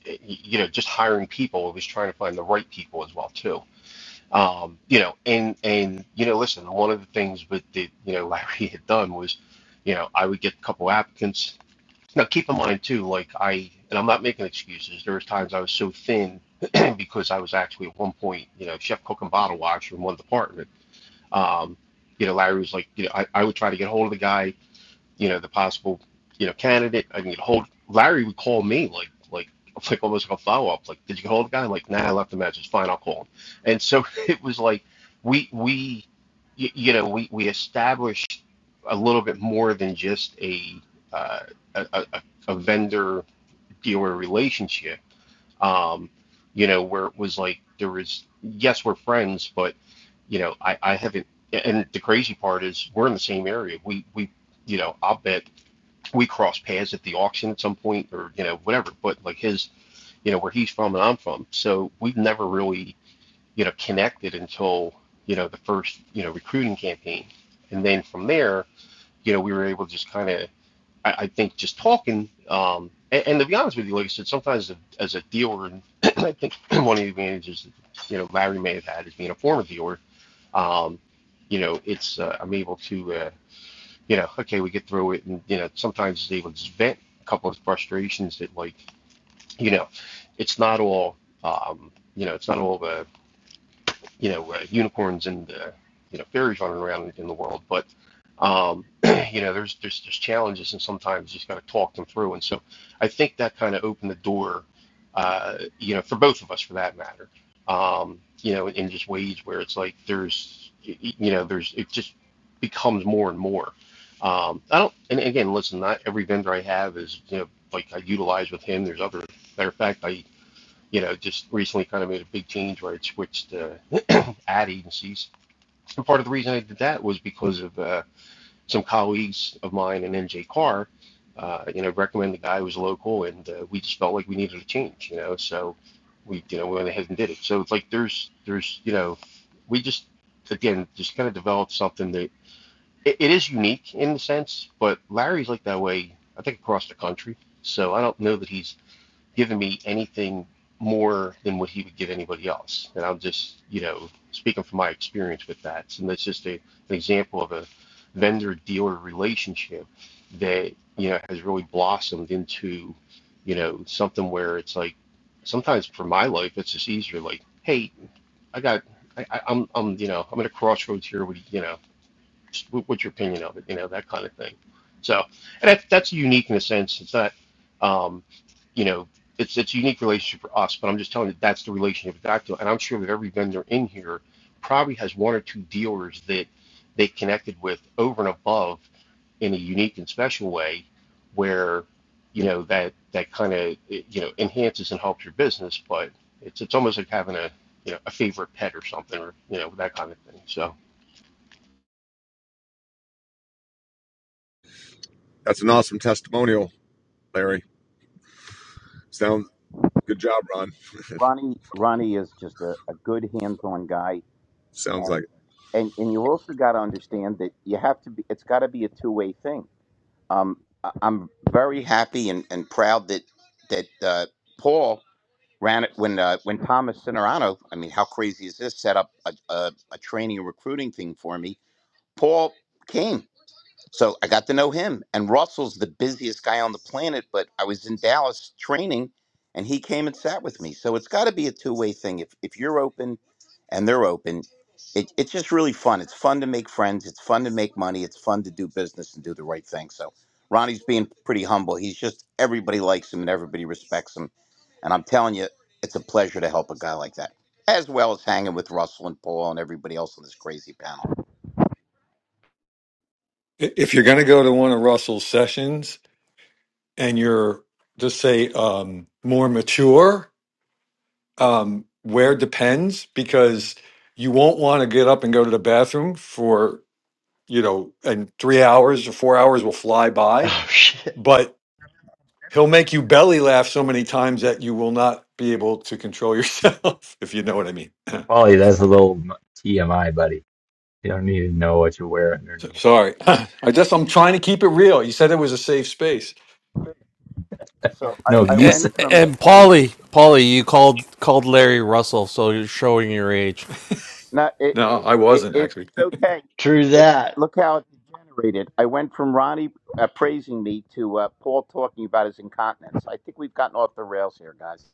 Speaker 11: eh, you know just hiring people, it was trying to find the right people as well too Um, you know, and and you know, listen, one of the things with the you know Larry had done was, you know, I would get a couple applicants. Now keep in mind too, like I and I'm not making excuses. There was times I was so thin because I was actually at one point, you know, chef cook and bottle washer in one department. Um, you know, Larry was like, you know, I, I would try to get hold of the guy you know the possible you know candidate. I can get a hold. Larry would call me like like like almost like a follow up. Like, did you get hold of the guy? I'm like, nah, I left a message. Fine, I'll call him. And so it was like we we y- you know we we established a little bit more than just a uh, a, a, a vendor dealer relationship. Um, you know where it was like there was yes we're friends, but you know I I haven't. And the crazy part is we're in the same area. We we you know I'll bet we crossed paths at the auction at some point or you know whatever but like his you know where he's from and i'm from so we've never really you know connected until you know the first you know recruiting campaign and then from there you know we were able to just kind of I, I think just talking um and, and to be honest with you like i said sometimes as a dealer and i think one of the advantages you know larry may have had is being a former dealer um you know it's uh, i'm able to uh, you know, okay, we get through it, and you know, sometimes they would vent a couple of frustrations that like, you know, it's not all, um, you know, it's not all the you know uh, unicorns and uh, you know fairies running around in the world, but um, you know there's there's there's challenges and sometimes you just got to talk them through. And so I think that kind of opened the door, uh, you know, for both of us for that matter. Um, you know, in just ways where it's like there's you know there's it just becomes more and more. Um, I don't, and again, listen, not every vendor I have is, you know, like I utilize with him. There's other, matter of fact, I, you know, just recently kind of made a big change where I switched, uh, ad agencies. And part of the reason I did that was because of uh, some colleagues of mine in NJ Carr, uh, you know, recommend the guy who was local, and uh, we just felt like we needed a change, you know. So we, you know, we went ahead and did it. So it's like there's, there's, you know, we just again just kind of developed something that it, it is unique in the sense, but Larry's like that way. I think across the country. So I don't know that he's given me anything more than what he would give anybody else. And I'm just, you know, speaking from my experience with that. And that's just a, an example of a vendor dealer relationship that, you know, has really blossomed into, you know, something where it's like sometimes for my life, it's just easier. Like, hey, I got, I, I- am I'm, you know, I'm at a crossroads here. What you know? Just what's your opinion of it? You know, that kind of thing. So, and that's that's unique in a sense. It's not, um, you know, it's it's a unique relationship for us. But I'm just telling you that's the relationship with Dactyl, and I'm sure that every vendor in here probably has one or two dealers that they connected with over and above in a unique and special way, where you know that that kind of you know enhances and helps your business. But it's it's almost like having a you know a favorite pet or something or you know that kind of thing. So.
Speaker 10: That's an awesome testimonial, Larry. Sounds good job, Ron.
Speaker 9: Ronnie Ronnie is just a, a good hands-on guy,
Speaker 10: Sounds
Speaker 9: and
Speaker 10: like.
Speaker 9: and and you also got to understand that you have to be. It's got to be a two-way thing. Um, I- I'm very happy and, and proud that that uh, Paul ran it when uh, when Thomas Cinerano. I mean, how crazy is this? Set up a, a, a training and recruiting thing for me. Paul came. So I got to know him. And Russell's the busiest guy on the planet, but I was in Dallas training and he came and sat with me. So it's got to be a two way thing. If, if you're open and they're open, it, it's just really fun. It's fun to make friends. It's fun to make money. It's fun to do business and do the right thing. So Ronnie's being pretty humble. He's just, everybody likes him and everybody respects him. And I'm telling you, it's a pleasure to help a guy like that, as well as hanging with Russell and Paul and everybody else on this crazy panel.
Speaker 4: I- If you're going to go to one of Russell's sessions and you're just say um, more mature, um, where depends because you won't want to get up and go to the bathroom for you know, and three hours or four hours will fly by.
Speaker 7: Oh, shit.
Speaker 4: But He'll make you belly laugh so many times that you will not be able to control yourself, if you know what I mean.
Speaker 1: Polly. That's a little m- TMI, buddy. You don't need to know what you wear
Speaker 4: So-
Speaker 1: underneath.
Speaker 4: Sorry. I just, I'm trying to keep it real. You said it was a safe space.
Speaker 9: So I,
Speaker 1: No,
Speaker 9: I
Speaker 1: you
Speaker 5: A-
Speaker 9: went
Speaker 1: said it
Speaker 9: from
Speaker 1: was.
Speaker 5: And
Speaker 9: I went
Speaker 5: Polly, Polly, you called called Larry Russell, so you're showing your age.
Speaker 9: no it
Speaker 4: No,
Speaker 9: it,
Speaker 4: I
Speaker 9: it
Speaker 4: wasn't actually.
Speaker 9: it's okay.
Speaker 7: True
Speaker 9: It,
Speaker 7: that.
Speaker 9: look how it degenerated. I went from Ronnie uh, praising me to uh, Paul talking about his incontinence. I think we've gotten off the rails here, guys.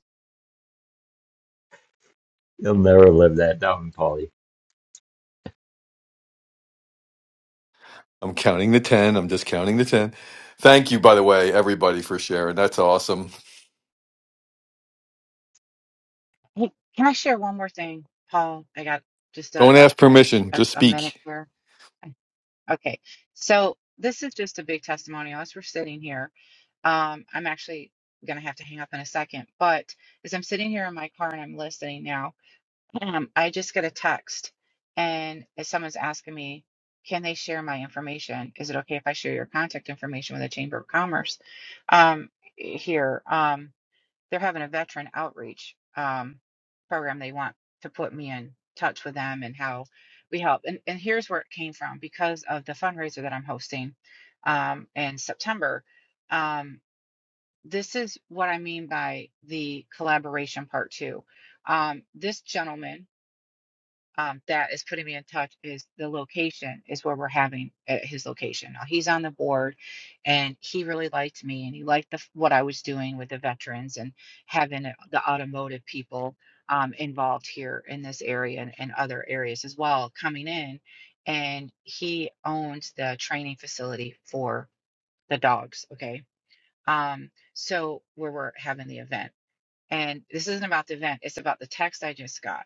Speaker 1: You'll never live that down, Polly.
Speaker 4: I'm counting the 10. I'm just counting the 10. Thank you, by the way, everybody, for sharing. That's awesome.
Speaker 8: hey can i share one more thing paul i got just
Speaker 4: Don't
Speaker 8: a a,
Speaker 4: ask permission,
Speaker 8: a,
Speaker 4: just
Speaker 8: a minute
Speaker 4: speak.
Speaker 8: here Okay, so this is just a big testimonial as we're sitting here. Um, I'm actually going to have to hang up in a second, but as I'm sitting here in my car and I'm listening now, um, I just get a text and someone's asking me, can they share my information? Is it okay if I share your contact information with the Chamber of Commerce um, here? Um, they're having a veteran outreach um, program. They want to put me in touch with them and how we help. And, and here's where it came from because of the fundraiser that I'm hosting um, in September. Um, this is what I mean by the collaboration part two. Um, this gentleman um, that is putting me in touch is the location is where we're having at his location. Now he's on the board, and he really liked me, and he liked the f- what I was doing with the veterans and having it- the automotive people um, involved here in this area and, and other areas as well coming in. And he owns the training facility for the dogs. Okay, um, so where we're having the event and this isn't about the event, it's about the text I just got.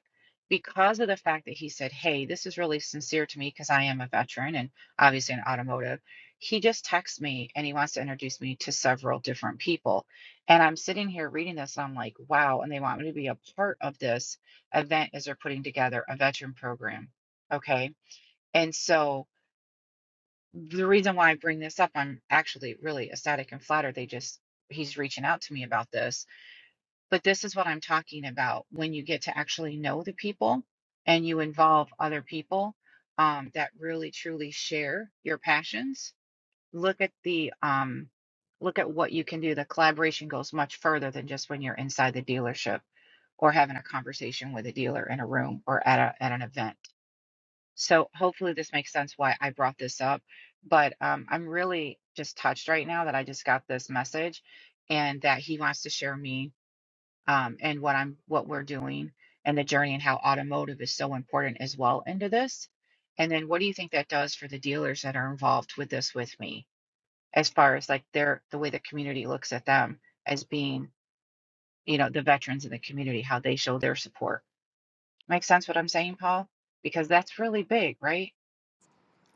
Speaker 8: Because of the fact that he said, Hey, this is really sincere to me because I am a veteran and obviously an automotive, he just texts me and he wants to introduce me to several different people. And I'm sitting here reading this and I'm like, wow. And they want me to be a part of this event as they're putting together a veteran program. Okay. And so the reason why I bring this up, I'm actually really ecstatic and flattered. They just, he's reaching out to me about this but this is what I'm talking about when you get to actually know the people and you involve other people um, that really truly share your passions. Look at the um, look at what you can do. The collaboration goes much further than just when you're inside the dealership or having a conversation with a dealer in a room or at a at an event. So hopefully this makes sense why I brought this up. But um, I'm really just touched right now that I just got this message and that he wants to share me um, and what I'm what we're doing and the journey and how automotive is so important as well into this. And then what do you think that does for the dealers that are involved with this with me as far as like their the way the community looks at them as being, you know, the veterans in the community, how they show their support. Make sense what I'm saying, Paul? Because that's really big, right?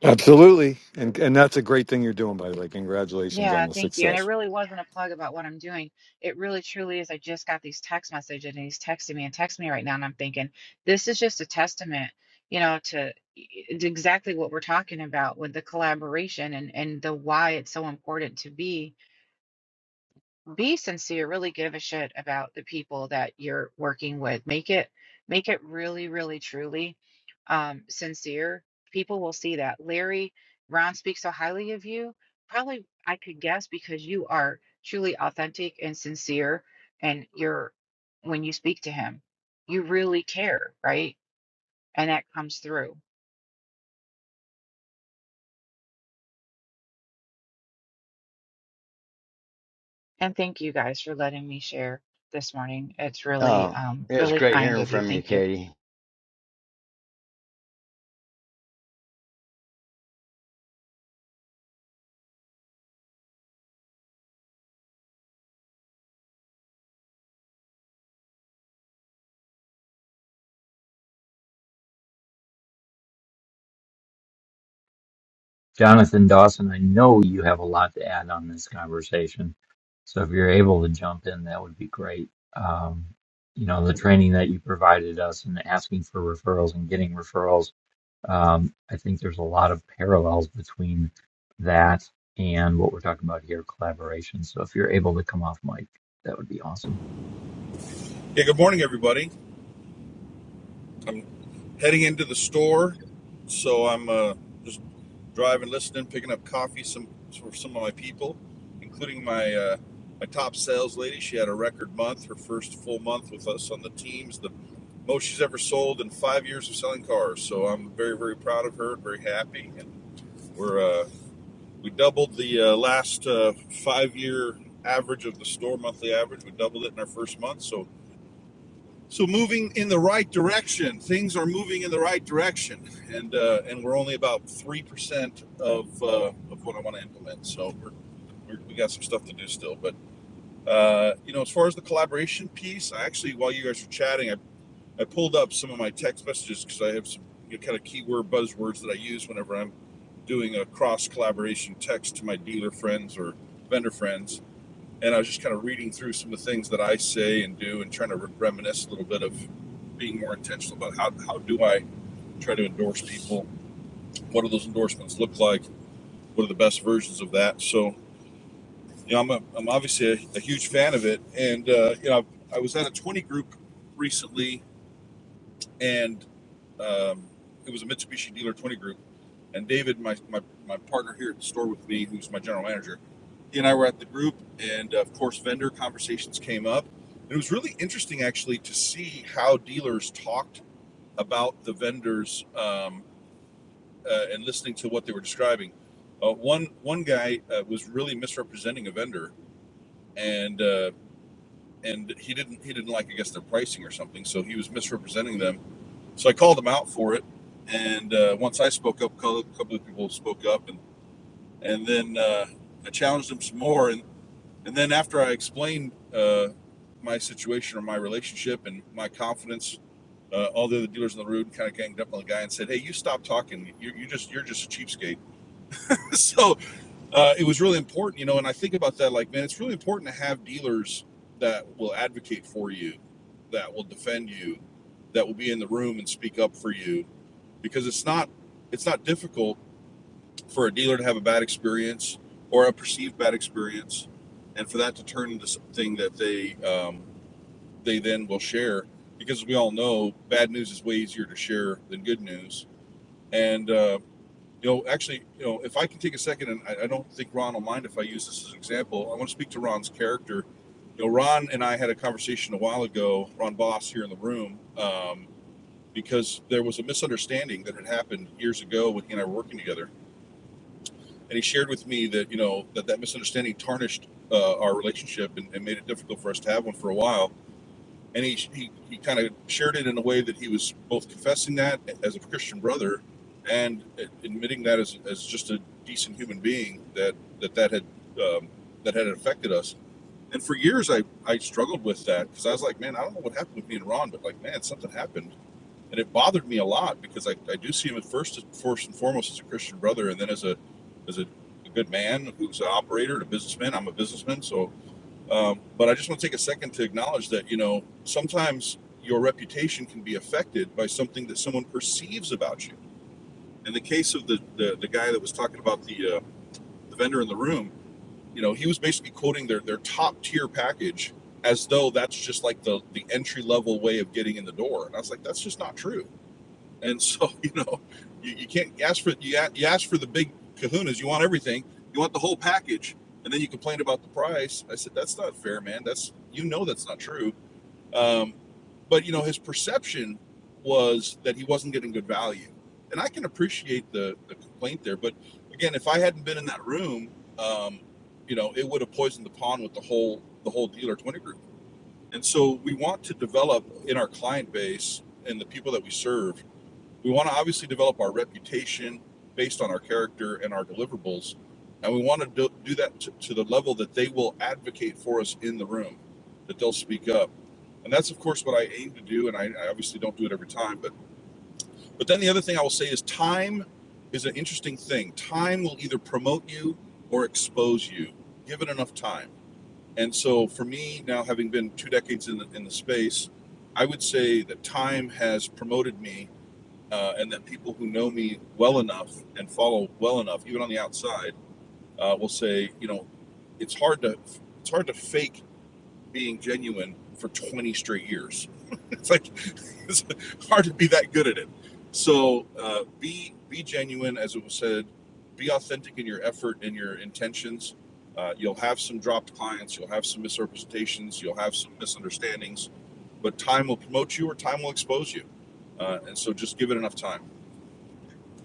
Speaker 4: Absolutely. And, and that's a great thing you're doing, by the way. Congratulations
Speaker 8: Yeah,
Speaker 4: on the
Speaker 8: thank you. And it
Speaker 4: success.
Speaker 8: really wasn't a plug about what I'm doing. It really truly is. I just got these text messages and he's texting me and texting me right now. And I'm thinking, this is just a testament, you know, to it's exactly what we're talking about with the collaboration and, and the why it's so important to be be sincere really give a shit about the people that you're working with make it make it really really truly um sincere people will see that larry ron speaks so highly of you probably i could guess because you are truly authentic and sincere and you're when you speak to him you really care right and that comes through and thank you guys for letting me share this morning it's really
Speaker 7: Oh,
Speaker 8: um
Speaker 7: it was
Speaker 8: really
Speaker 7: great
Speaker 8: kind
Speaker 7: hearing
Speaker 8: of you
Speaker 7: from you,
Speaker 8: thank you
Speaker 7: Katie.
Speaker 1: Jonathan Dawson, I know you have a lot to add on this conversation. So if you're able to jump in, that would be great. Um, you know, the training that you provided us and asking for referrals and getting referrals, um, I think there's a lot of parallels between that and what we're talking about here, collaboration. So if you're able to come off mic, that would be awesome.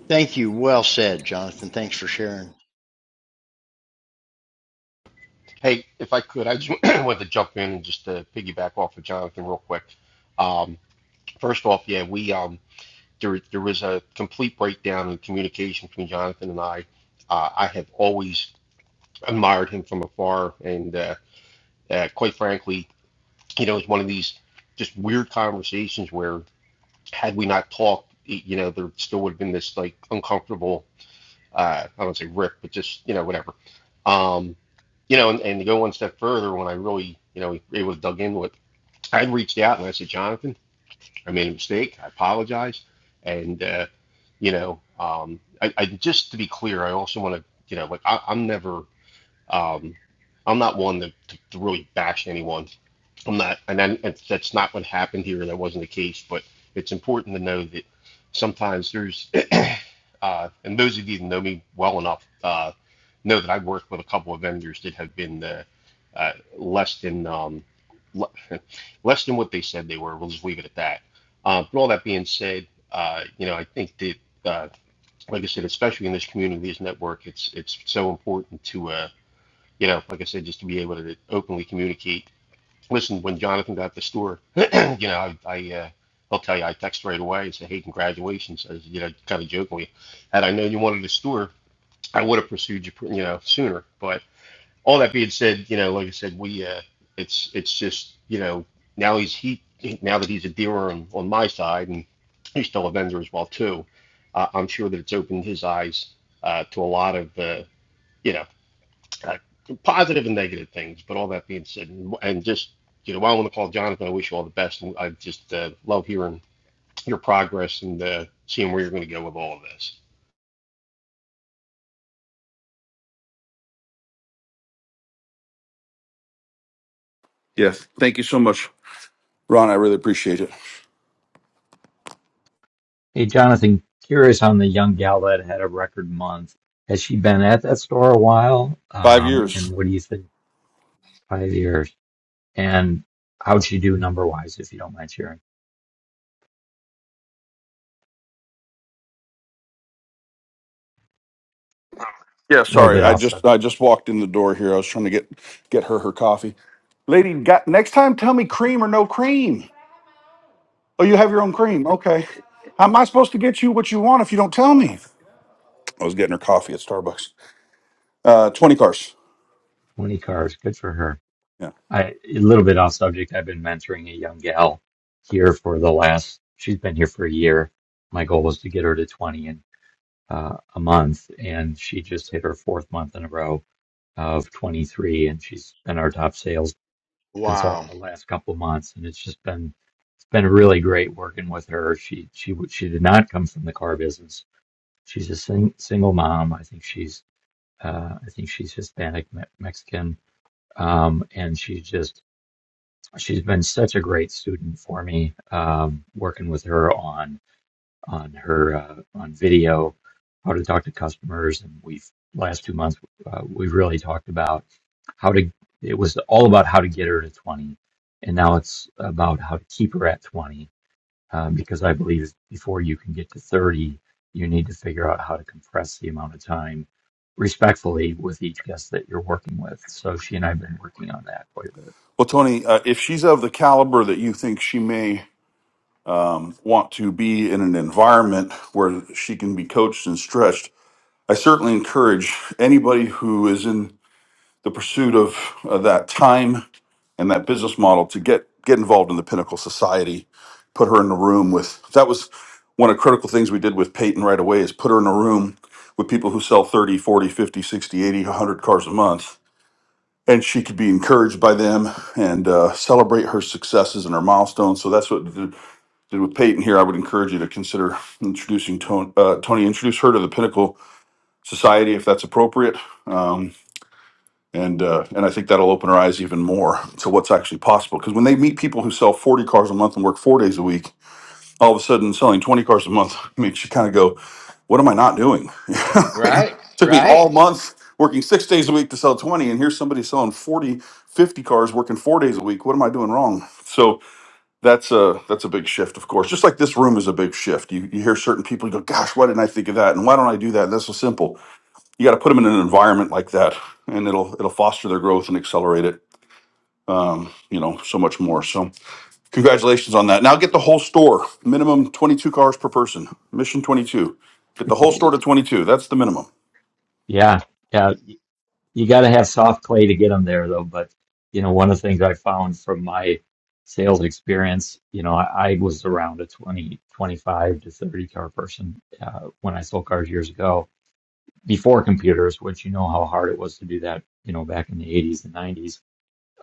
Speaker 7: Thank you. Well said, Jonathan. Thanks for sharing.
Speaker 11: Hey, if I could, I just wanted to jump in and just to piggyback off of Jonathan real quick. Um, first off, yeah, we um, there there was a complete breakdown in communication between Jonathan and I. Uh, I have always admired him from afar, and uh, uh, quite frankly, you know, it's one of these just weird conversations where had we not talked, you know, there still would have been this like uncomfortable uh, I don't say rip, but just you know whatever. Um, you know, and, and to go one step further, when I really you know able to dug in with, I reached out and I said, Jonathan, I made a mistake. I apologize, and uh, you know, um, I, I just to be clear, I also want to you know like I, I'm never um, I'm not one to, to, to really bash anyone. I'm not, and then and that's not what happened here. That wasn't the case, but it's important to know that sometimes there's, uh, and those of you that know me well enough uh, know that I've worked with a couple of vendors that have been uh, uh, less than um, le- less than what they said they were. We'll just leave it at that. Uh, but all that being said, uh, you know, I think that, uh, like I said, especially in this community, this network, it's it's so important to. Uh, you know, like I said, just to be able to openly communicate. Listen, when Jonathan got the store, you know, I, I uh, I'll tell you, I text right away and say, hey, congratulations, as you know, kind of jokingly. Had I known you wanted a store, I would have pursued you, you know, sooner. But all that being said, you know, like I said, we, uh, it's, it's just, you know, now he's he, now that he's a dealer on, on my side, and he's still a vendor as well too. Uh, I'm sure that it's opened his eyes uh, to a lot of, uh, you know uh, positive and negative things. But all that being said, and, and just you know, while I want to call Jonathan, I wish you all the best, and I just uh, love hearing your progress and uh, seeing where you're going to go with all of this.
Speaker 1: Hey, Jonathan, curious on the young gal that had a record month. Has she been at that store a while? Um, and what do you think? Five years. And how'd she do number wise, if you don't mind sharing? A little bit off subject. 20 cars. Good for her. I, a little bit off subject. I've been mentoring a young gal here for the last, she's been here for a year. My goal was to get her to 20 in uh, a month and she just hit her fourth month in a row of 23 and she's been our top sales consultant
Speaker 7: Wow.
Speaker 1: the last couple of months. And it's just been, it's been really great working with her. She, she, she did not come from the car business. She's a sing, single mom. I think she's Uh, I think she's Hispanic Me- Mexican, um, and she's just she's been such a great student for me. Um, working with her on on her uh, on video, how to talk to customers, and we've last two months uh, we really talked about how to. It was all about how to get her to twenty, and now it's about how to keep her at twenty um, because I believe before you can get to 30, you need to figure out how to compress the amount of time respectfully with each guest that you're working with. So she and I have been working on that quite a bit.
Speaker 12: I certainly encourage anybody who is in the pursuit of uh, that time and that business model to get get involved in the Pinnacle Society. Put her in the room with that was one of the critical things we did with Peyton right away is put her in a room with people who sell 30, 40, 100 cars a month. And she could be encouraged by them and uh, celebrate her successes and her milestones. So that's what we did, did with Peyton here. I would encourage you to consider introducing Tony, uh, Tony introduce her to the Pinnacle society if that's appropriate. Um, and uh, and I think that'll open our eyes even more to what's actually possible. Because when they meet people who sell 40 cars a month and work four days a week, all of a sudden selling 20 cars a month makes you kind of go, "What am I not doing?" I mean, it
Speaker 7: Right?
Speaker 12: took me all
Speaker 7: Right?
Speaker 12: month working six days a week to sell 20, and here's somebody selling 40, 50 cars working four days a week. What am I doing wrong? So that's a that's a big shift, of course. Just like this room is a big shift. You you hear certain people you go, "Gosh, why didn't I think of that?" And why don't I do that? That's so simple you got to put them in an environment like that and it'll it'll foster their growth and accelerate it um, you know so much more so congratulations on that now get the whole store minimum 22 cars per person mission 22 get the whole store to 22 that's the minimum
Speaker 1: Yeah, yeah, y- you got to have soft clay to get them there, though. But you know, one of the things I found from my sales experience, you know, I, I was around a 20 25 to 30 car person uh, when I sold cars years ago before computers, which you know how hard it was to do that, you know, back in the 80s and 90s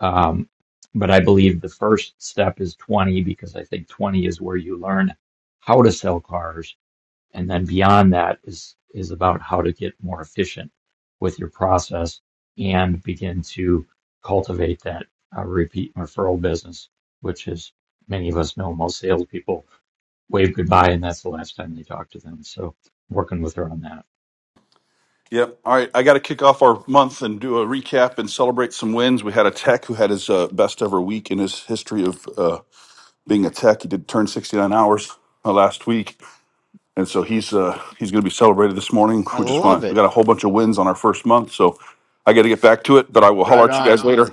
Speaker 1: Um, but I believe the first step is 20 because I think 20 is where you learn how to sell cars. And then beyond that is, is about how to get more efficient with your process and begin to cultivate that uh, repeat referral business, which is many of us know most salespeople wave goodbye and that's the last time they talk to them. So working with her on that.
Speaker 12: yep all right i got to kick off our month and do a recap and celebrate some wins we had a tech who had his uh, best ever week in his history of uh, being a tech he did turn 69 hours uh, last week and so he's uh he's going to be celebrated this morning.
Speaker 7: I
Speaker 12: We just
Speaker 7: love
Speaker 12: want to we
Speaker 7: it.
Speaker 12: got a whole bunch of wins on our first month, so I got to get back to it. But I will holler
Speaker 7: Right
Speaker 12: at you guys
Speaker 7: on.
Speaker 12: later.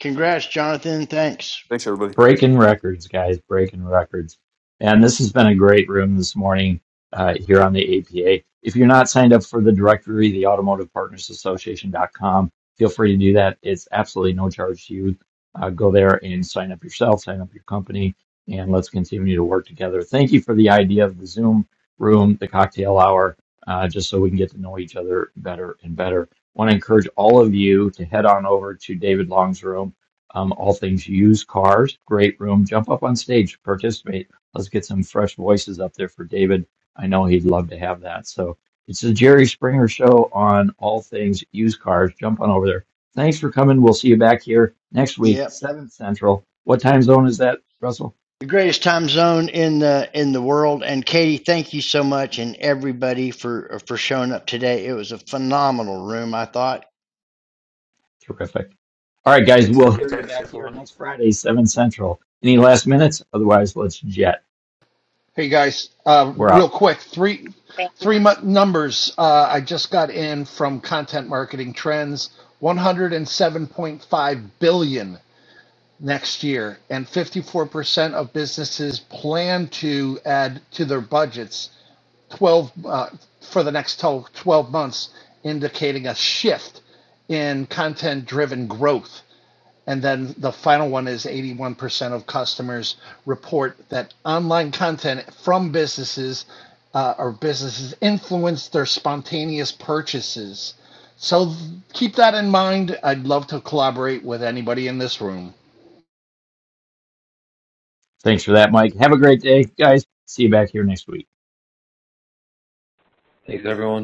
Speaker 7: Congrats, Jonathan. Thanks.
Speaker 12: Thanks, everybody.
Speaker 1: Breaking records, guys, breaking records. And this has been a great room this morning uh, here on the APA. If you're not signed up for the directory, the Automotive Partners Association.com, feel free to do that. It's absolutely no charge to you. Uh, go there and sign up yourself, sign up your company, and let's continue to work together. Thank you for the idea of the Zoom room, the cocktail hour, uh, just so we can get to know each other better and better. Want to encourage all of you to head on over to David Long's room um, all things used cars. Great room. Jump up on stage, participate. Let's get some fresh voices up there for David. I know he'd love to have that. So it's the Jerry Springer show on all things used cars. Jump on over there. Thanks for coming. We'll see you back here next week,
Speaker 7: Yep.
Speaker 1: 7 Central. What time zone is that, Russell?
Speaker 7: the greatest time zone in the in the world. And Katie, thank you so much, and everybody for for showing up today. It was a phenomenal room, I thought.
Speaker 1: Terrific. All right, guys,
Speaker 13: Thanks,
Speaker 1: we'll
Speaker 13: Tony.
Speaker 1: hear you
Speaker 13: Thanks,
Speaker 1: back here
Speaker 13: everyone.
Speaker 1: next Friday, 7 Central. Any last minutes? Otherwise, let's jet.
Speaker 14: Hey guys, uh,
Speaker 1: We're
Speaker 14: real
Speaker 1: out.
Speaker 14: quick, three
Speaker 8: thank you
Speaker 14: three mu-
Speaker 8: guys
Speaker 14: numbers uh, I just got in from Content Marketing Trends: one hundred and seven point five billion next year, and fifty four percent of businesses plan to add to their budgets twelve uh, for the next twelve 12 months, indicating a shift in content driven growth. And then the final one is 81% of customers report that online content from businesses uh, or businesses influence their spontaneous purchases. So keep that in mind. I'd love to collaborate with anybody in this room.
Speaker 1: Thanks for that, Mike. Have a great day, guys. See you back here next week.
Speaker 13: Thanks, everyone.